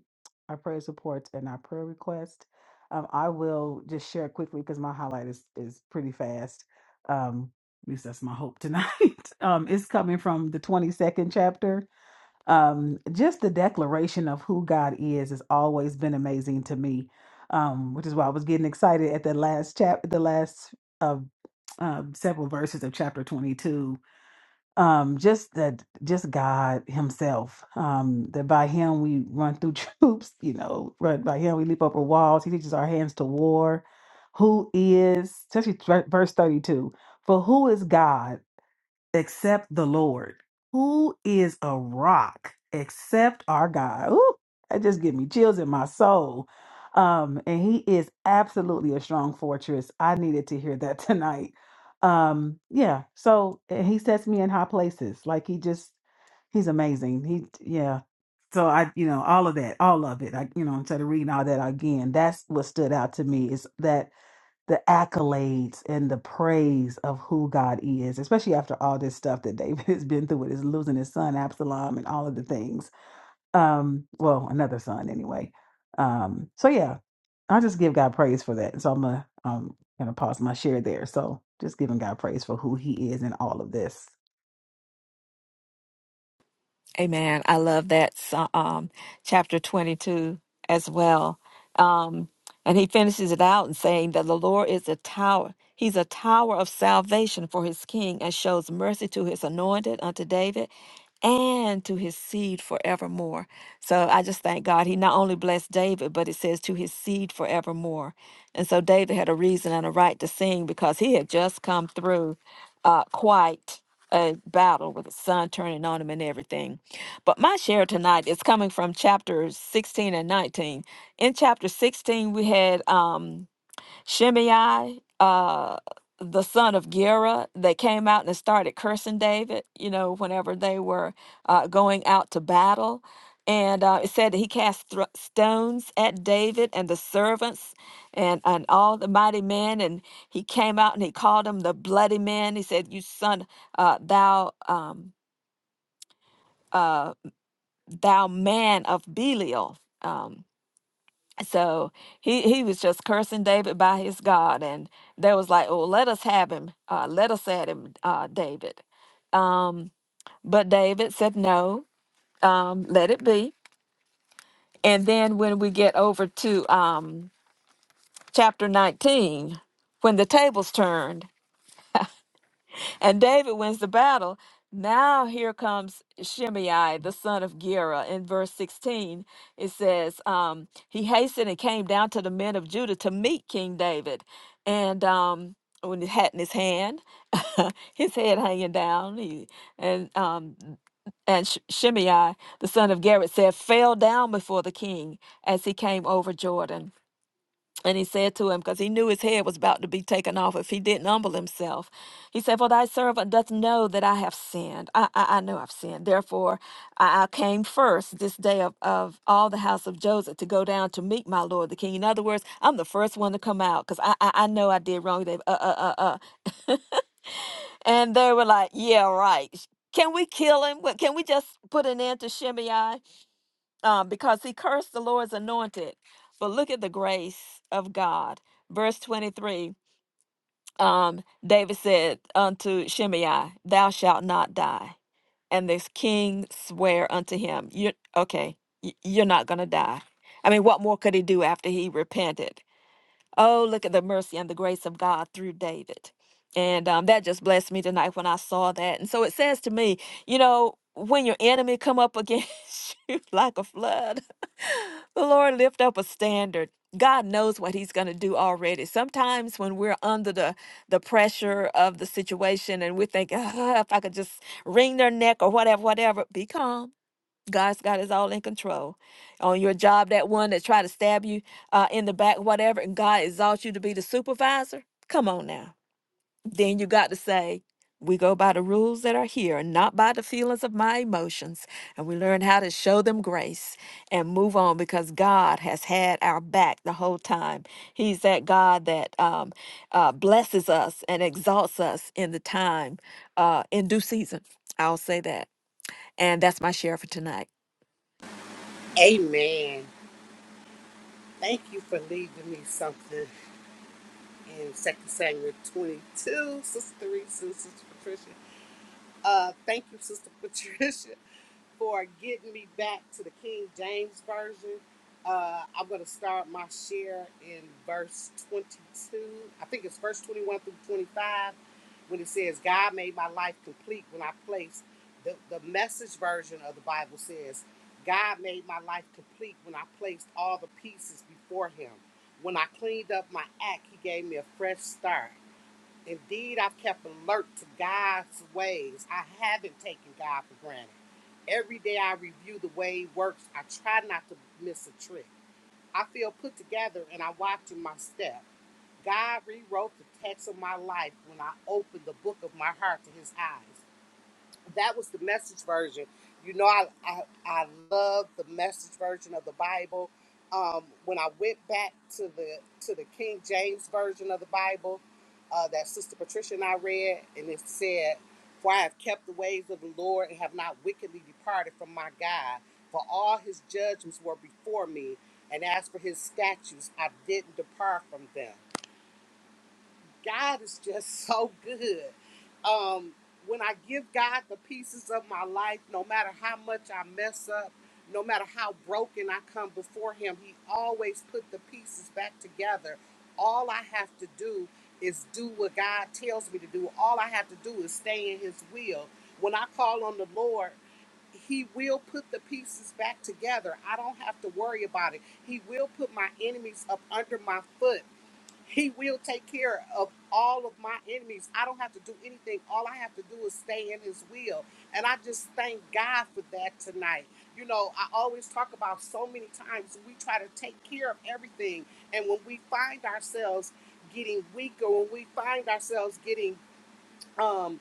our praise reports, and our prayer request. Um, I will just share quickly because my highlight is is pretty fast. Um, at least that's my hope tonight. um, it's coming from the twenty second chapter um, just the declaration of who God is has always been amazing to me, um, which is why I was getting excited at the last chap, the last uh, um, several verses of chapter twenty-two. Um, just that, just God Himself. Um, that by Him we run through troops. You know, right, by Him we leap over walls. He teaches our hands to war. Who is, especially thre- verse thirty-two? For who is God? except the Lord, who is a rock except our God. Ooh, that just give me chills in my soul. Um, and he is absolutely a strong fortress. I needed to hear that tonight. Um, yeah, so and he sets me in high places. Like he just he's amazing. He yeah. So I, you know, all of that, all of it. I, you know, instead of reading all that again, that's what stood out to me is that the accolades and the praise of who God is, especially after all this stuff that David has been through with his losing his son Absalom and all of the things. Um, well, another son anyway. Um, so yeah, I'll just give God praise for that. So I'm gonna um gonna pause my share there. So just giving God praise for who he is in all of this. Amen. I love that so- um, chapter 22 as well. Um, and he finishes it out and saying that the Lord is a tower. He's a tower of salvation for his king and shows mercy to his anointed unto David and to his seed forevermore. So I just thank God he not only blessed David, but it says to his seed forevermore. And so David had a reason and a right to sing because he had just come through uh, quite a battle with the sun turning on him and everything. But my share tonight is coming from chapter 16 and 19. In chapter 16, we had um Shimei, uh, the son of Gera, that came out and started cursing David, you know, whenever they were uh, going out to battle. And uh, it said that he cast thro- stones at David and the servants and, and all the mighty men. And he came out and he called them the bloody men. He said, You son, uh, thou, um, uh, thou man of Belial. Um, so he he was just cursing David by his God, and they was like, "Oh, let us have him. Uh, let us at him, uh, David." Um, but David said, "No, um, let it be." And then when we get over to um, chapter nineteen, when the tables turned, And David wins the battle. Now here comes Shimei, the son of Gera. In verse 16, it says, um, he hastened and came down to the men of Judah to meet King David. And um, with his hat in his hand, his head hanging down, he, and um, and Sh- Shimei, the son of Gera, said, fell down before the king as he came over Jordan. And he said to him, because he knew his head was about to be taken off if he didn't humble himself. He said, For thy servant doth know that I have sinned. I, I, I know I've sinned. Therefore, I, I came first this day of, of all the house of Joseph to go down to meet my Lord the King. In other words, I'm the first one to come out because I, I, I know I did wrong. They, uh, uh, uh, uh. And they were like, Yeah, right. Can we kill him? What- Can we just put an end to Shimei? uh, because he cursed the Lord's anointed. But look at the grace of God. Verse 23 um, David said unto Shimei, Thou shalt not die. And this king swear unto him, you, Okay, y- you're not going to die. I mean, what more could he do after he repented? Oh, look at the mercy and the grace of God through David. And um, that just blessed me tonight when I saw that. And so it says to me, you know, when your enemy come up against you like a flood, the Lord lift up a standard. God knows what he's going to do already. Sometimes when we're under the, the pressure of the situation and we think, "Ah, if I could just wring their neck or whatever, whatever, be calm God's got us all in control. On your job, that one that tried to stab you uh, in the back, whatever, and God exalts you to be the supervisor. Come on now. Then you got to say, we go by the rules that are here and not by the feelings of my emotions. And we learn how to show them grace and move on because God has had our back the whole time. He's that God that um, uh, blesses us and exalts us in the time, uh, in due season. I'll say that. And that's my share for tonight. Amen. Thank you for leaving me something in Second Samuel 22, Sister Reese and Sister Patricia. Uh, thank you, Sister Patricia for getting me back to the King James Version. Uh, I'm going to start my share in verse 22. I think it's verse 21 through 25 when it says, God made my life complete when I placed. The, the message version of the Bible says, God made my life complete when I placed all the pieces before Him. When I cleaned up my act, He gave me a fresh start. Indeed, I've kept alert to God's ways. I haven't taken God for granted. Every day I review the way He works. I try not to miss a trick. I feel put together and I'm watching my step. God rewrote the text of my life when I opened the book of my heart to His eyes that was the message version. You know, I I, I love the message version of the Bible. Um, when I went back to the to the King James version of the Bible uh, that Sister Patricia and I read, and it said, "For I have kept the ways of the Lord and have not wickedly departed from my God. For all His judgments were before me, and as for His statutes, I didn't depart from them." God is just so good. Um, when I give God the pieces of my life, no matter how much I mess up, no matter how broken I come before Him, He always put the pieces back together. All I have to do is do what God tells me to do. All I have to do is stay in His will. When I call on the Lord, he will put the pieces back together. I don't have to worry about it. He will put my enemies up under my foot. He will take care of all of my enemies. I don't have to do anything. All I have to do is stay in His will. And I just thank God for that tonight. You know, I always talk about so many times we try to take care of everything. And when we find ourselves getting weaker, when we find ourselves getting um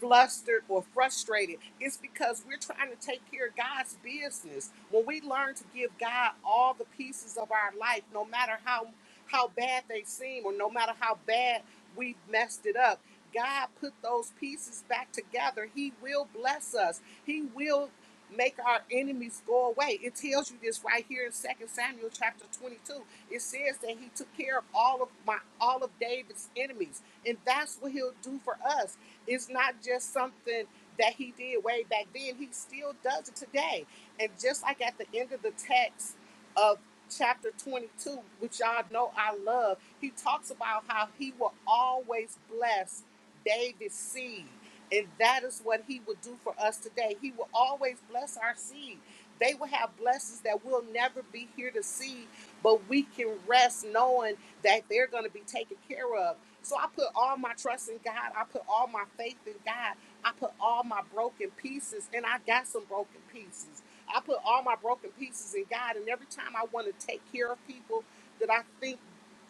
flustered or frustrated it's because we're trying to take care of god's business when we learn to give god all the pieces of our life no matter how how bad they seem or no matter how bad we messed it up god put those pieces back together he will bless us he will make our enemies go away. It tells you this right here in Second Samuel chapter 22. It says that he took care of all of my all of David's enemies. And that's what he'll do for us. It's not just something that he did way back then. He still does it today. And just like at the end of the text of chapter 22, which y'all know I love, he talks about how he will always bless David's seed. And that is what he will do for us today. He will always bless our seed. They will have blessings that we'll never be here to see, but we can rest knowing that they're going to be taken care of. So I put all my trust in God. I put all my faith in God. I put all my broken pieces, and I got some broken pieces. I put all my broken pieces in God, and every time I want to take care of people that I think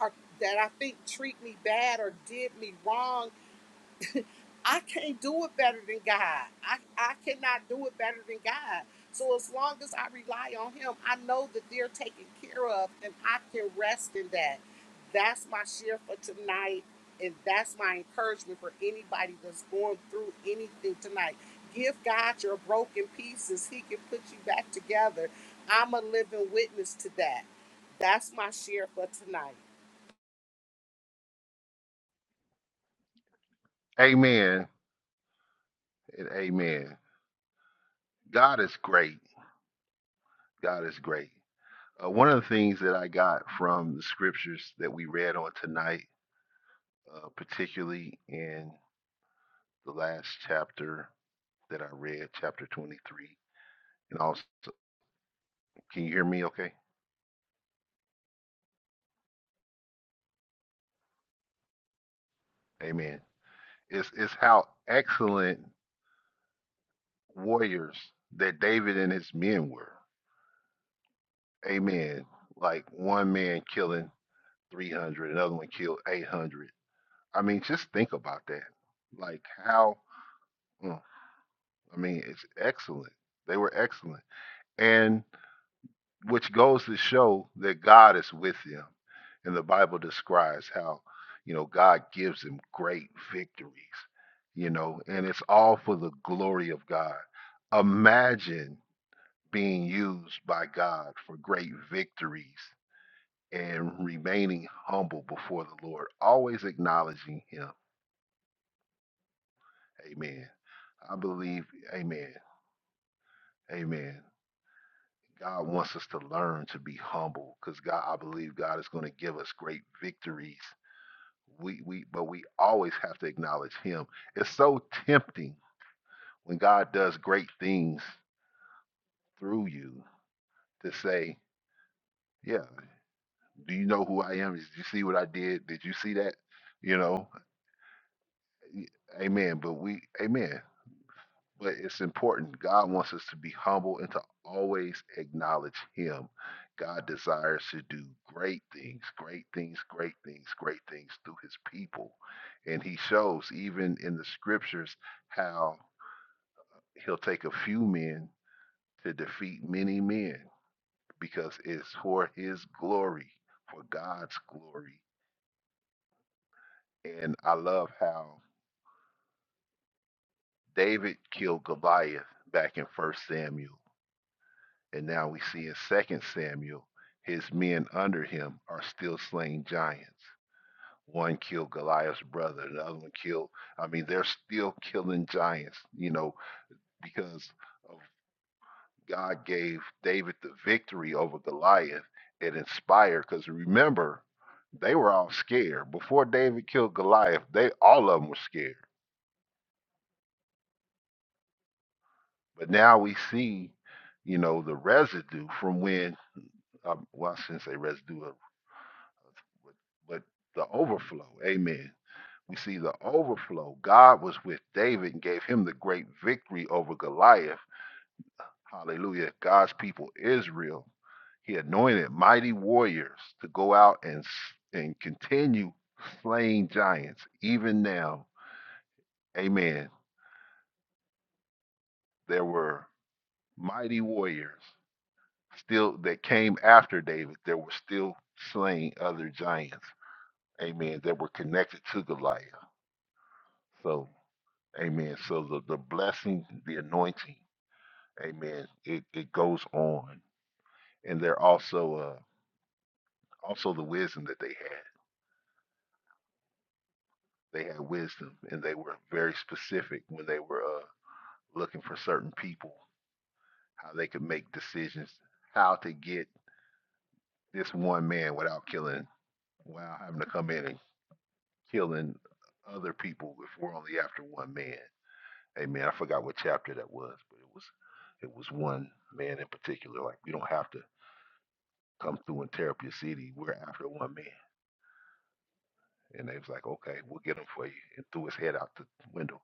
are that I think treat me bad or did me wrong, I can't do it better than God. I, I cannot do it better than God. So as long as I rely on Him, I know that they're taken care of and I can rest in that. That's my share for tonight. And that's my encouragement for anybody that's going through anything tonight. Give God your broken pieces, He can put you back together. I'm a living witness to that. That's my share for tonight. Amen and amen. God is great. God is great. Uh, one of the things that I got from the scriptures that we read on tonight, uh, particularly in the last chapter that I read, chapter 23, and also, can you hear me okay? Amen. It's, it's how excellent warriors that David and his men were. Amen. Like one man killing 300, another one killed 800. I mean, just think about that. Like how, mm, I mean, it's excellent. They were excellent. And which goes to show that God is with him, And the Bible describes how, you know, God gives him great victories, you know, and it's all for the glory of God. Imagine being used by God for great victories and remaining humble before the Lord, always acknowledging Him. Amen. I believe, amen. Amen. God wants us to learn to be humble because God, I believe God is going to give us great victories we we but we always have to acknowledge him it's so tempting when god does great things through you to say yeah do you know who i am did you see what i did did you see that you know Y- amen but we amen but it's important god wants us to be humble and to always acknowledge him god desires to do great things great things great things great things through his people and he shows even in the scriptures how He'll take a few men to defeat many men because it's for his glory, for God's glory. And I love how David killed Goliath back in First Samuel. And now we see in Second Samuel, his men under him are still slaying giants. One killed Goliath's brother, the other one killed, I mean, they're still killing giants, you know, because of. God gave David the victory over Goliath It inspired. Because remember, they were all scared before David killed Goliath. They all of them were scared. But now we see, you know, the residue from when um, well, I shouldn't say residue, uh, but the overflow. Amen. We see the overflow. God was with David and gave him the great victory over Goliath. Hallelujah. God's people, Israel. He anointed mighty warriors to go out and and continue slaying giants even now. Amen. There were mighty warriors still that came after David. There were still slaying other giants. Amen. That were connected to Goliath. So, amen. So the, the blessing, the anointing, amen. It it goes on. And they're also uh also the wisdom that they had. They had wisdom and they were very specific when they were uh, looking for certain people, how they could make decisions, how to get this one man without killing, without having to come in and killing other people if we're only after one man. Hey man, I forgot what chapter that was, but it was it was one man in particular. Like we don't have to come through and tear up your city. We're after one man. And they was like, okay, we'll get him for you. And threw his head out the window.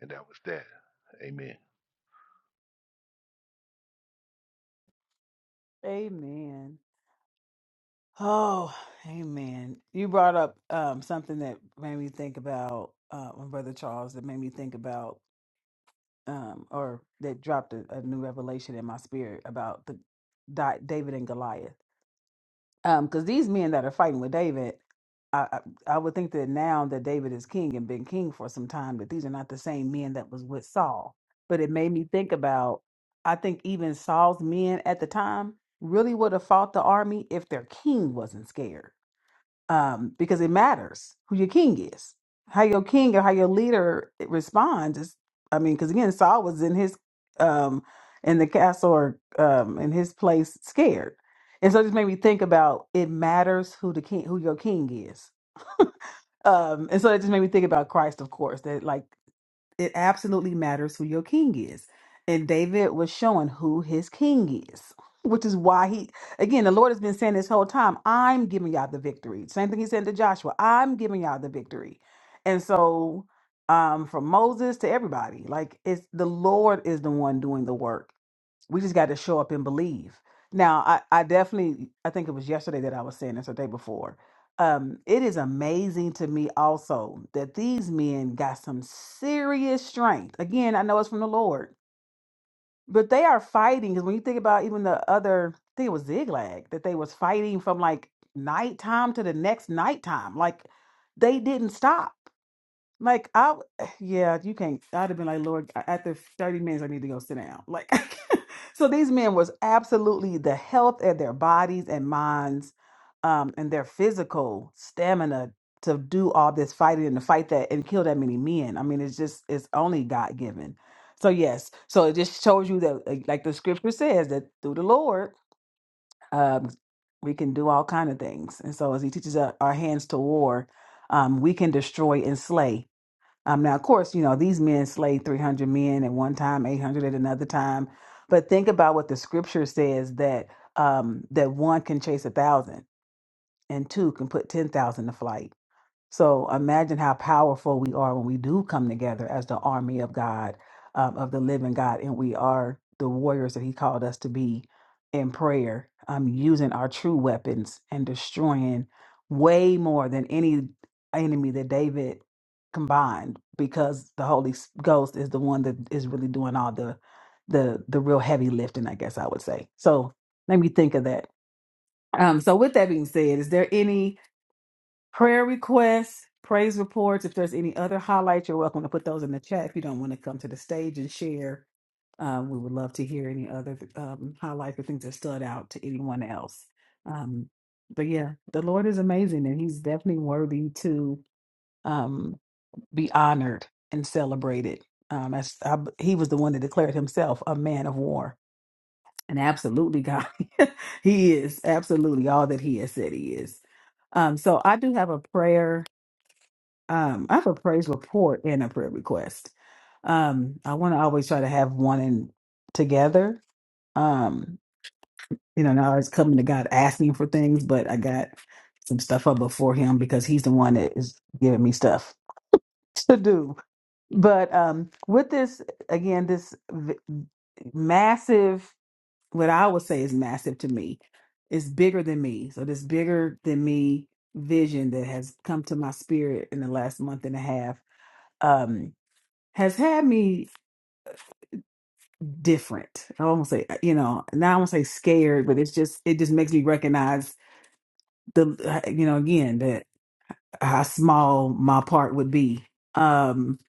And that was that. Amen. Amen. Oh, amen. You brought up um, something that made me think about uh, my brother Charles, that made me think about, um, or that dropped a, a new revelation in my spirit about the Di- David and Goliath. Because these men that are fighting with David, I, I, I would think that now that David is king and been king for some time, that these are not the same men that was with Saul. But it made me think about, I think even Saul's men at the time really would have fought the army if their king wasn't scared um, because it matters who your king is. How your king or how your leader responds is, I mean, because again, Saul was in his um, in the castle or um, in his place, scared, and so it just made me think about it matters who the king, who your king is, um, and so it just made me think about Christ, of course, that like it absolutely matters who your king is. And David was showing who his king is, which is why he, again, the Lord has been saying this whole time, I'm giving y'all the victory. Same thing he said to Joshua, I'm giving y'all the victory. And so, um, from Moses to everybody, like it's the Lord is the one doing the work we just got to show up and believe now i i definitely i think it was yesterday that i was saying this or the day before um it is amazing to me also that these men got some serious strength again i know it's from the lord but they are fighting because when you think about even the other i think it was ziglag that they was fighting from like nighttime to the next nighttime like they didn't stop like I, w- eh, yeah, you can't. I'd have been like, Lord, a- after thirty minutes, I need to go sit down. Like, so these men was absolutely the health of their bodies and minds, um, and their physical stamina to do all this fighting and to fight that and kill that many men. I mean, it's just it's only God given. So yes, so it just shows you that, like like the scripture says, that through the Lord, um, we can do all kind of things. And so as He teaches our, our hands to war, um, we can destroy and slay um, now, of course, you know, these men slayed 300 men at one time, 800 at another time. But think about what the scripture says that um, that one can chase a thousand and two can put 10,000 to flight. So imagine how powerful we are when we do come together as the army of God, um, of the living God, and we are the warriors that He called us to be in prayer, um, using our true weapons and destroying way more than any enemy that David combined, because the Holy S- Ghost is the one that is really doing all the the the real heavy lifting, I guess I would say. So let me think of that. Um, so with that being said, is there any? prayer requests, praise reports. If there's any other highlights, you're welcome to put those in the chat. If you don't want to come to the stage and share, um, we would love to hear any other um, highlights or things that stood out to anyone else. Um, but yeah, the Lord is amazing, and He's definitely worthy to um, be honored and celebrated. Um, as I, He was the one that declared Himself a man of war, and absolutely God, He is absolutely all that He has said He is. Um, so I do have a prayer um, I have a praise report and a prayer request. Um, I want to always try to have one in together. Um, you know, now it's coming to God asking for things, but I got some stuff up before Him because He's the one that is giving me stuff to do. But um, with this, again, this v- massive, what I would say is massive to me, is bigger than me. So this bigger than me vision that has come to my spirit in the last month and a half. Um has had me different. I won't say, you know, now I won't say scared, but it's just it just makes me recognize the, uh, you know, again that how small my part would be. Um,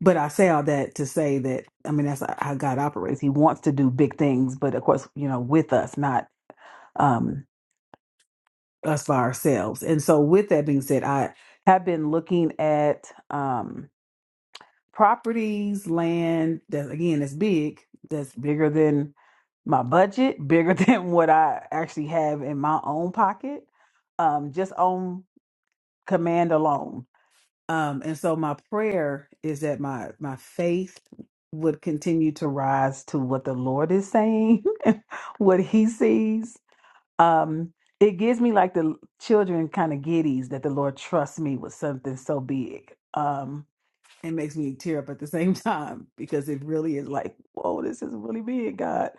but I say all that to say that I mean that's how God operates. He wants to do big things, but of course, you know, with us, not um us by ourselves. And so, with that being said, I have been looking at. Um, properties, land that again is big, that's bigger than my budget, bigger than what I actually have in my own pocket, um, just on command alone. Um, and so my prayer is that my my faith would continue to rise to what the Lord is saying, what He sees. Um, it gives me like the children kind of giddies that the Lord trusts me with something so big. Um, it makes me tear up at the same time because it really is like, whoa, this is really big, God.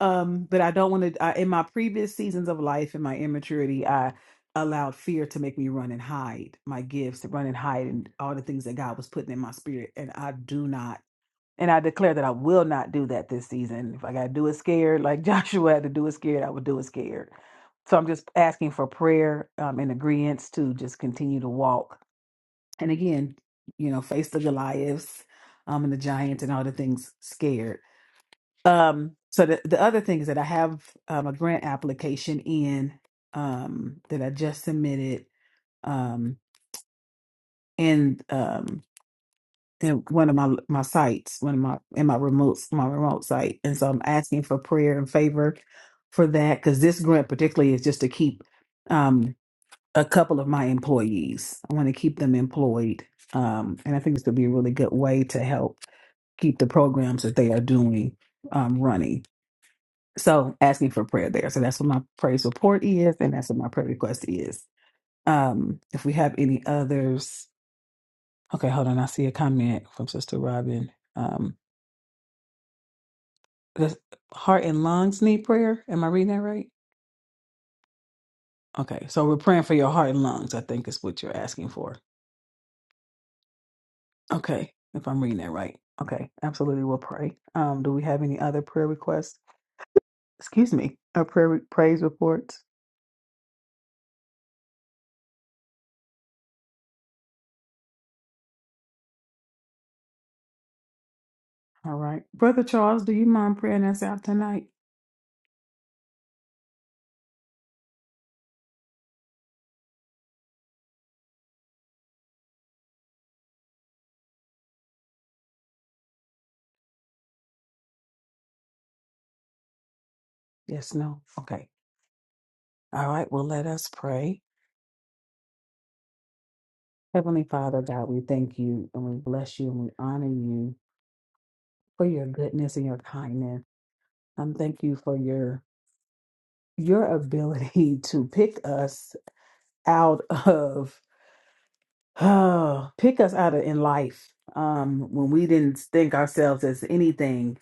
Um, but I don't want to. I, in my previous seasons of life, in my immaturity, I allowed fear to make me run and hide my gifts, to run and hide, and all the things that God was putting in my spirit. And I do not. And I declare that I will not do that this season. If I got to do it scared, like Joshua had to do it scared, I would do it scared. So I'm just asking for prayer um, and agreement to just continue to walk and again, you know, face the Goliaths um, and the giants and all the things scared. Um, so the, the other thing is that I have um, a grant application in um, that I just submitted um, in um, in one of my my sites, one of my in my remote my remote site, and so I'm asking for prayer and favor for that because this grant particularly is just to keep um, a couple of my employees. I want to keep them employed. Um, and I think this would be a really good way to help keep the programs that they are doing um, running. So asking for prayer there. So that's what my praise report is, and that's what my prayer request is. Um, if we have any others, okay, hold on. I see a comment from Sister Robin. Um, does heart and lungs need prayer? Am I reading that right? Okay, so we're praying for your heart and lungs. I think is what you're asking for. Okay, if I'm reading that right. Okay, absolutely. We'll pray. Um, do we have any other prayer requests? Excuse me, a prayer re- praise reports. All right, Brother Charles, do you mind praying us out tonight? Yes. No. Okay. All right. Well, let us pray. Heavenly Father, God, we thank you and we bless you and we honor you for your goodness and your kindness. And thank you for your your ability to pick us out of Oh, pick us out of in life um, when we didn't think ourselves as anything.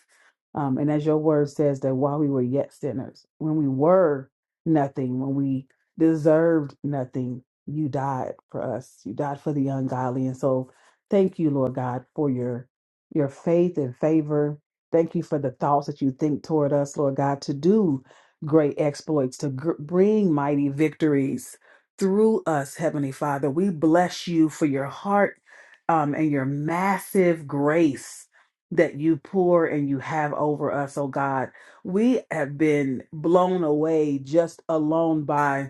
Um, and as your word says, that while we were yet sinners, when we were nothing, when we deserved nothing, you died for us. You died for the ungodly. And so thank you, Lord God, for your your faith and favor. Thank you for the thoughts that you think toward us, Lord God, to do great exploits, to gr- bring mighty victories through us, Heavenly Father. We bless you for your heart um, and your massive grace that you pour and you have over us, oh God. We have been blown away just alone by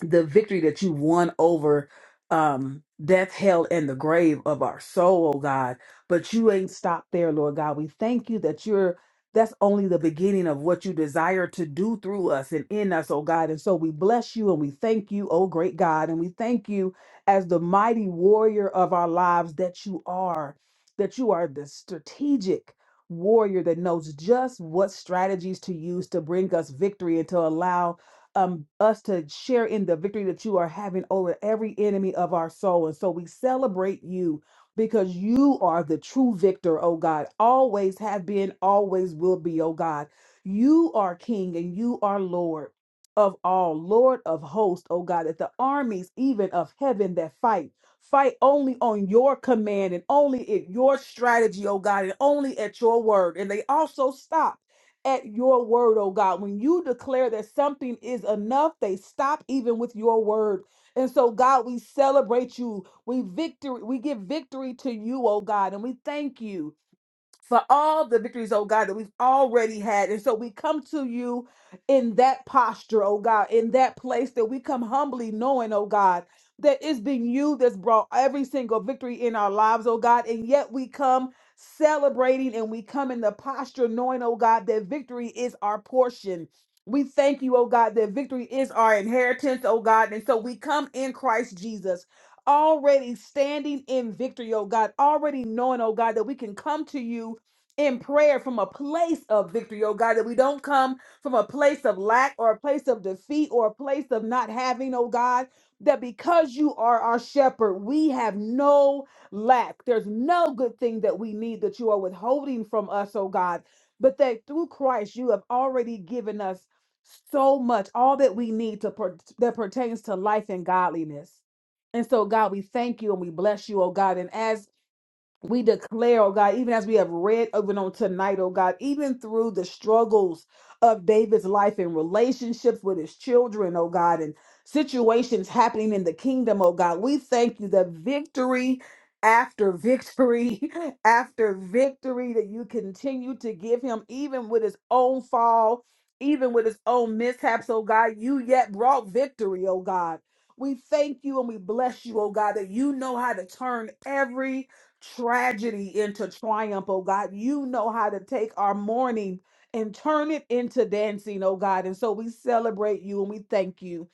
the victory that you won over um death hell and the grave of our soul oh god but you ain't stopped there lord god we thank you that you're that's only the beginning of what you desire to do through us and in us oh god and so we bless you and we thank you oh great god and we thank you as the mighty warrior of our lives that you are that you are the strategic warrior that knows just what strategies to use to bring us victory and to allow um, us to share in the victory that you are having over every enemy of our soul. And so we celebrate you because you are the true victor, oh God. Always have been, always will be, oh God. You are King and you are Lord of all, Lord of hosts, oh God, that the armies even of heaven that fight. Fight only on your command and only at your strategy, oh God, and only at your word. And they also stop at your word, oh God. When you declare that something is enough, they stop even with your word. And so, God, we celebrate you. We victory, we give victory to you, oh God, and we thank you for all the victories, oh God, that we've already had. And so we come to you in that posture, oh God, in that place that we come humbly knowing, oh God, that it's been you that's brought every single victory in our lives, oh God. And yet we come celebrating and we come in the posture knowing, oh God, that victory is our portion. We thank you, oh God, that victory is our inheritance, oh God. And so we come in Christ Jesus already standing in victory, oh God, already knowing, oh God, that we can come to you in prayer from a place of victory, oh God, that we don't come from a place of lack or a place of defeat or a place of not having, oh God, that because you are our shepherd, we have no lack. There's no good thing that we need that you are withholding from us, oh God, but that through Christ you have already given us so much, all that we need to per- that pertains to life and godliness. And so, God, we thank you and we bless you, oh God. And as we declare, oh God, even as we have read even on tonight, oh God, even through the struggles of David's life and relationships with his children, oh God, and situations happening in the kingdom, oh God, we thank you that victory after victory after victory that you continue to give him, even with his own fall, even with his own mishaps, oh God, you yet brought victory, oh God. We thank you and we bless you, oh God, that you know how to turn every tragedy into triumph, oh God. You know how to take our mourning and turn it into dancing, oh God. And so we celebrate you and we thank you.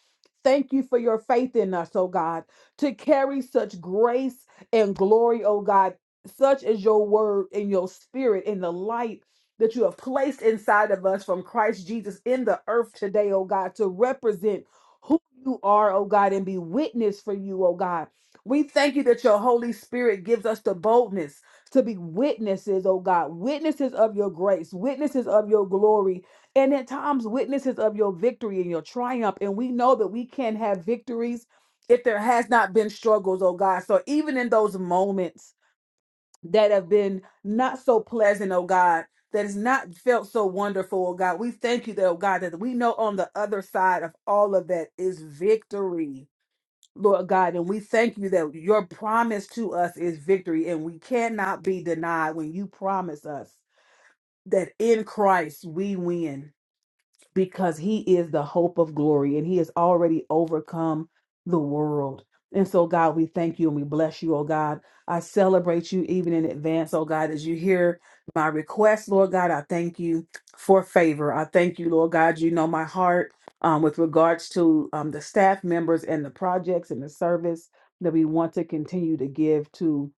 Thank you for your faith in us, oh God, to carry such grace and glory, oh God, such is your word and your spirit and the light that you have placed inside of us from Christ Jesus in the earth today, oh God, to represent who you are, oh God, and be witness for you, oh God. We thank you that your Holy Spirit gives us the boldness to be witnesses, oh God, witnesses of your grace, witnesses of your glory, and at times witnesses of your victory and your triumph. And we know that we can have victories if there has not been struggles, oh God. So even in those moments that have been not so pleasant, oh God, that has not felt so wonderful, oh God, we thank you, that, oh God, that we know on the other side of all of that is victory Lord God, and we thank you that your promise to us is victory, and we cannot be denied when you promise us that in Christ we win because he is the hope of glory and he has already overcome the world. And so, God, we thank you and we bless you, oh God. I celebrate you even in advance, oh God, as you hear my request, Lord God. I thank you for favor. I thank you, Lord God. You know my heart um, with regards to um, the staff members and the projects and the service that we want to continue to give to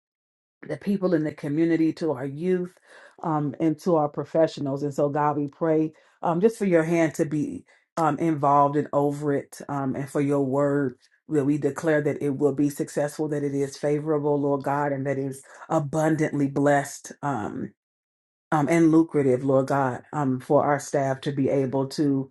the people in the community, to our youth, um, and to our professionals. And so, God, we pray um, just for your hand to be um, involved and over it, um, and for your word. That we declare that it will be successful, that it is favorable, Lord God, and that it is abundantly blessed um, um, and lucrative, Lord God, um, for our staff to be able to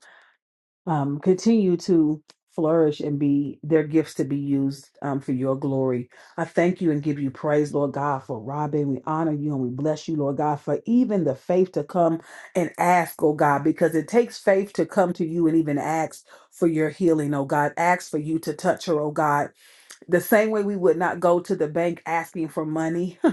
um, continue to flourish and be their gifts to be used um, for your glory. I thank you and give you praise, Lord God, for Robin. We honor you and we bless you, Lord God, for even the faith to come and ask, oh God, because it takes faith to come to you and even ask for your healing, oh God. Ask for you to touch her, oh God. The same way we would not go to the bank asking for money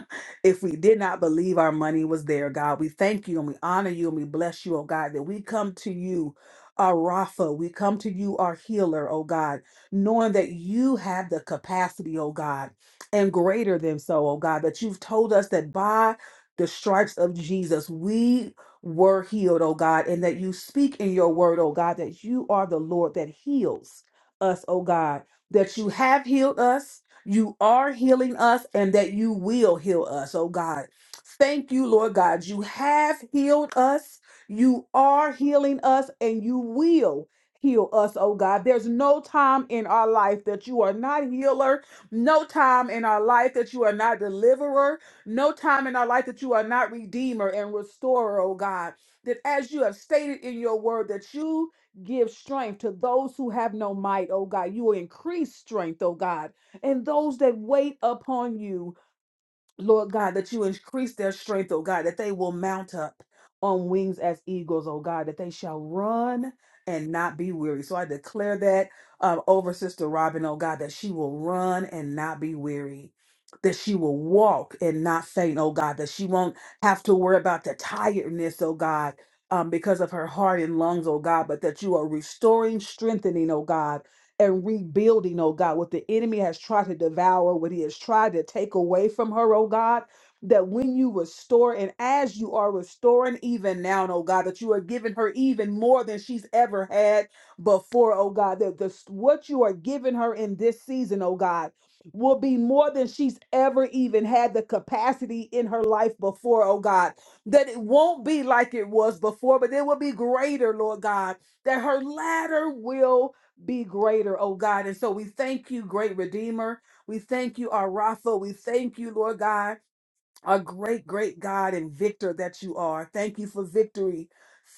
if we did not believe our money was there, God. We thank you and we honor you and we bless you, oh God, that we come to you, our Rapha. We come to you, our healer, oh God, knowing that you have the capacity, oh God, and greater than so, oh God, that you've told us that by the stripes of Jesus, we were healed, oh God, and that you speak in your word, oh God, that you are the Lord that heals us, oh God that you have healed us, you are healing us, and that you will heal us, oh God. Thank you, Lord God. You have healed us, you are healing us, and you will heal us, oh God. There's no time in our life that you are not healer, no time in our life that you are not deliverer, no time in our life that you are not redeemer and restorer, oh God. That as you have stated in your word, that you Give strength to those who have no might, oh God. You will increase strength, oh God. And those that wait upon you, Lord God, that you increase their strength, oh God, that they will mount up on wings as eagles, oh God, that they shall run and not be weary. So I declare that um, over Sister Robin, oh God, that she will run and not be weary. That she will walk and not faint, oh God, that she won't have to worry about the tiredness, oh God, um, because of her heart and lungs, oh God, but that you are restoring, strengthening, oh God and rebuilding, oh God, what the enemy has tried to devour, what he has tried to take away from her, oh God. That when you restore, and as you are restoring even now, oh God, that you are giving her even more than she's ever had before, oh God, that the, what you are giving her in this season, oh God, will be more than she's ever even had the capacity in her life before, oh God. That it won't be like it was before, but it will be greater, Lord God. That her latter will be greater, oh God. And so we thank you, great Redeemer. We thank you, our Rapha. We thank you, Lord God our great, great God and victor that you are. Thank you for victory.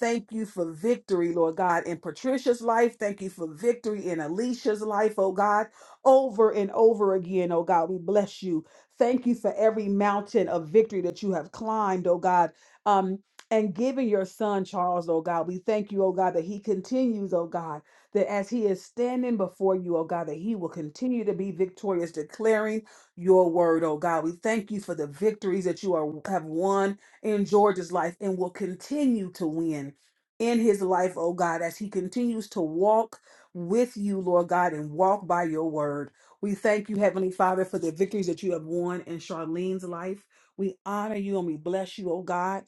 Thank you for victory, Lord God, in Patricia's life. Thank you for victory in Alicia's life, oh God, over and over again, oh God. We bless you. Thank you for every mountain of victory that you have climbed, oh God. Um, and giving your son Charles, oh God, we thank you, oh God, that he continues, oh God, that as he is standing before you, oh God, that he will continue to be victorious, declaring your word, oh God. We thank you for the victories that you are have won in George's life and will continue to win in his life, oh God, as he continues to walk with you, Lord God, and walk by your word. We thank you, Heavenly Father, for the victories that you have won in Charlene's life. We honor you and we bless you, oh God.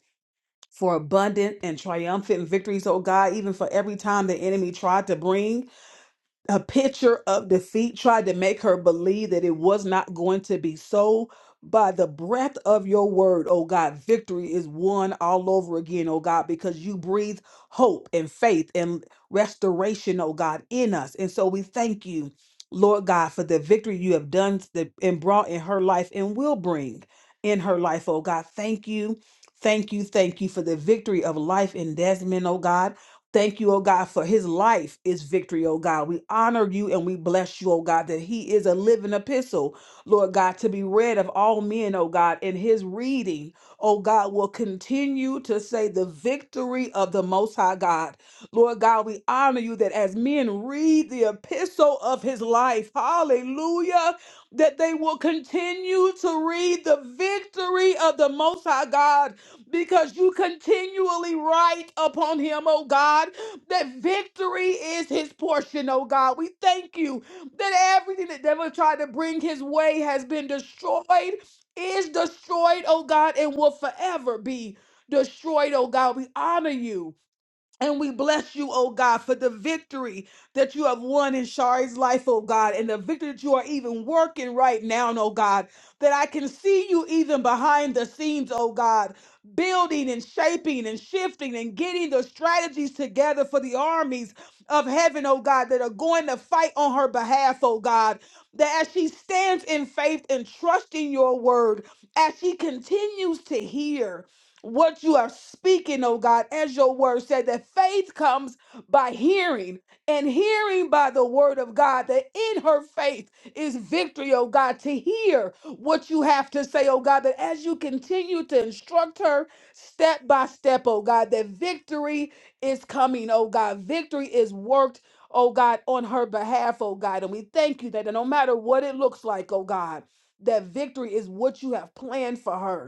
For abundant and triumphant victories, oh God, even for every time the enemy tried to bring a picture of defeat tried to make her believe that it was not going to be so. By the breath of your word, oh God, victory is won all over again, oh God, because you breathe hope and faith and restoration, oh God, in us. And so we thank you, Lord God, for the victory you have done th- and brought in her life and will bring in her life, oh God. Thank you. Thank you. Thank you for the victory of life in Desmond, oh God. Thank you, oh God, for his life is victory, oh God. We honor you and we bless you, oh God, that he is a living epistle, Lord God, to be read of all men, oh God. And his reading, oh God, will continue to say the victory of the Most High God. Lord God, we honor you that as men read the epistle of his life, hallelujah, that they will continue to read the victory of the Most High God because you continually write upon him, oh God, that victory is his portion, oh God. We thank you that everything that devil tried to bring his way has been destroyed, is destroyed, oh God, and will forever be destroyed, oh God. We honor you. And we bless you, oh God, for the victory that you have won in Shari's life, oh God, and the victory that you are even working right now, oh God, that I can see you even behind the scenes, oh God, building and shaping and shifting and getting the strategies together for the armies of heaven, oh God, that are going to fight on her behalf, oh God, that as she stands in faith and trusting your word, as she continues to hear what you are speaking, oh God, as your word said, that faith comes by hearing and hearing by the word of God, that in her faith is victory, oh God, to hear what you have to say, oh God, that as you continue to instruct her step by step, oh God, that victory is coming, oh God, victory is worked. Oh God, on her behalf, oh God. And we thank you that no matter what it looks like, oh God, that victory is what you have planned for her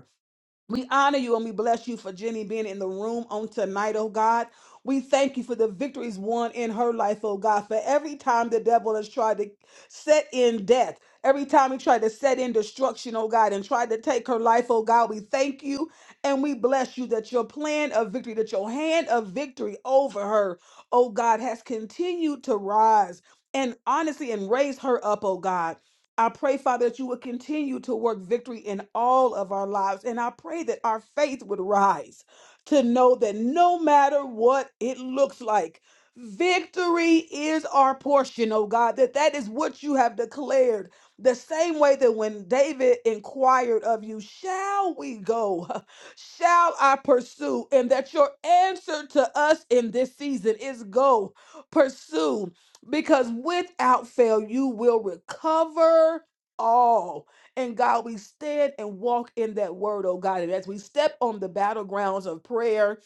we honor you and we bless you for Jenny being in the room on tonight, oh God. We thank you for the victories won in her life, oh God, for every time the devil has tried to set in death, every time he tried to set in destruction, oh God, and tried to take her life, oh God, we thank you and we bless you that your plan of victory, that your hand of victory over her, oh God, has continued to rise and honestly and raise her up, oh God. I pray, Father, that you would continue to work victory in all of our lives. And I pray that our faith would rise to know that no matter what it looks like, victory is our portion, oh God, that that is what you have declared. The same way that when David inquired of you, shall we go? Shall I pursue? And that your answer to us in this season is go, pursue because without fail you will recover all. And God, we stand and walk in that word, oh God. And as we step on the battlegrounds of prayer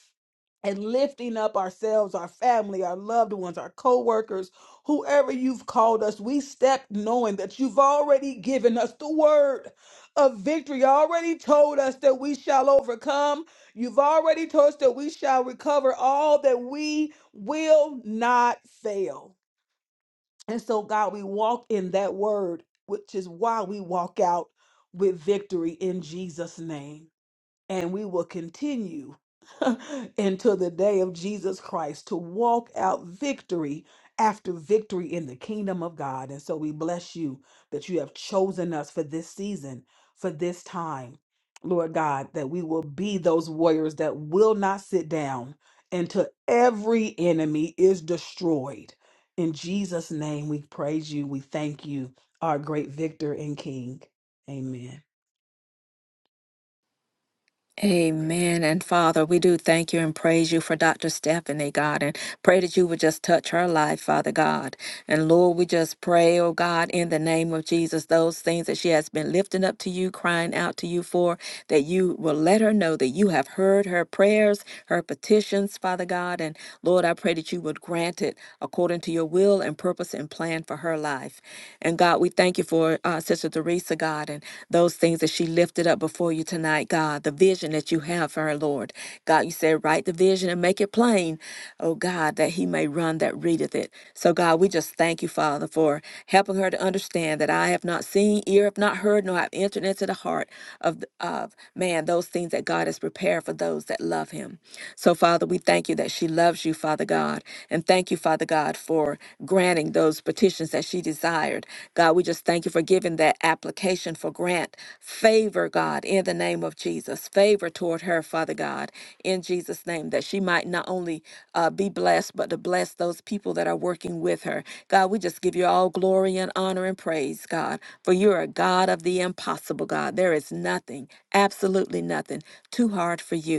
and lifting up ourselves, our family, our loved ones, our co workers, whoever you've called us, we step knowing that you've already given us the word of victory. You already told us that we shall overcome. You've already told us that we shall recover all, that we will not fail. And so, God, we walk in that word, which is why we walk out with victory in Jesus' name and we will continue until the day of Jesus Christ to walk out victory after victory in the kingdom of God. And so we bless you that you have chosen us for this season, for this time, Lord God, that we will be those warriors that will not sit down until every enemy is destroyed. In Jesus' name, we praise you. We thank you, our great victor and king. Amen. Man. Amen. And Father, we do thank you and praise you for Dr. Stephanie, God, and pray that you would just touch her life, Father God. And Lord, we just pray, oh God, in the name of Jesus, those things that she has been lifting up to you, crying out to you for, that you will let her know that you have heard her prayers, her petitions, Father God. And Lord, I pray that you would grant it according to your will and purpose and plan for her life. And God, God, we thank you for uh, Sister Teresa, God, and those things that she lifted up before you tonight, God, the vision that you have for her, Lord. God, you said, write the vision and make it plain, oh God, that he may run that readeth it. So, God, we just thank you, Father, for helping her to understand that I have not seen, ear have not heard, nor have entered into the heart of, of man those things that God has prepared for those that love him. So, Father, we thank you that she loves you loves you, Father God. And thank you, Father God, for granting those petitions that she desired. God, we just thank you for giving that application for grant. Favor, God, in the name of Jesus. Favor toward her, Father God, in Jesus' name, that she might not only uh, be blessed, but to bless those people that are working with her. God, we just give you all glory and honor and praise, God, for you're a God of the impossible, God. There is nothing, absolutely nothing, too hard for you.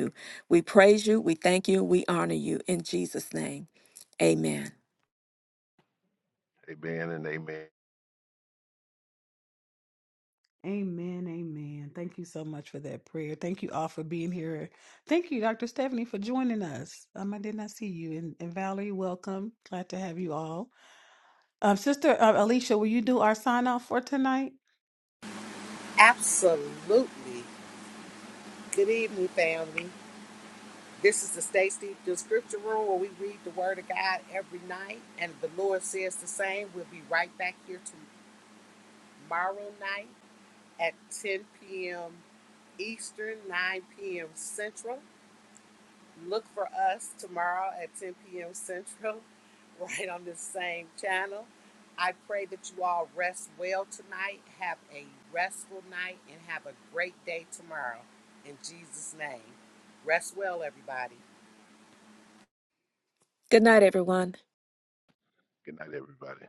We praise you, we thank you, we honor you. In Jesus' name, amen. Amen and amen. Amen. Amen. Thank you so much for that prayer. Thank you all for being here. Thank you, Dr. Stephanie, for joining us. Um, I did not see you. And, and Valerie, welcome. Glad to have you all. Um, Sister uh, Alicia, will you do our sign off for tonight? Absolutely. Good evening, family. This is the Stay Steeped in Scripture Room where we read the Word of God every night, and the Lord says the same. We'll be right back here tomorrow night at 10 p.m. Eastern, 9 p.m. Central. Look for us tomorrow at 10 p.m. Central, right on this same channel. I pray that you all rest well tonight, have a restful night, and have a great day tomorrow. In Jesus' name, rest well, everybody. Good night, everyone. Good night, everybody.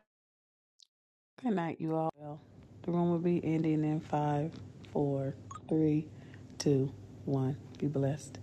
Good night, you all. Well, the room will be ending in five, four, three, two, one. Be blessed.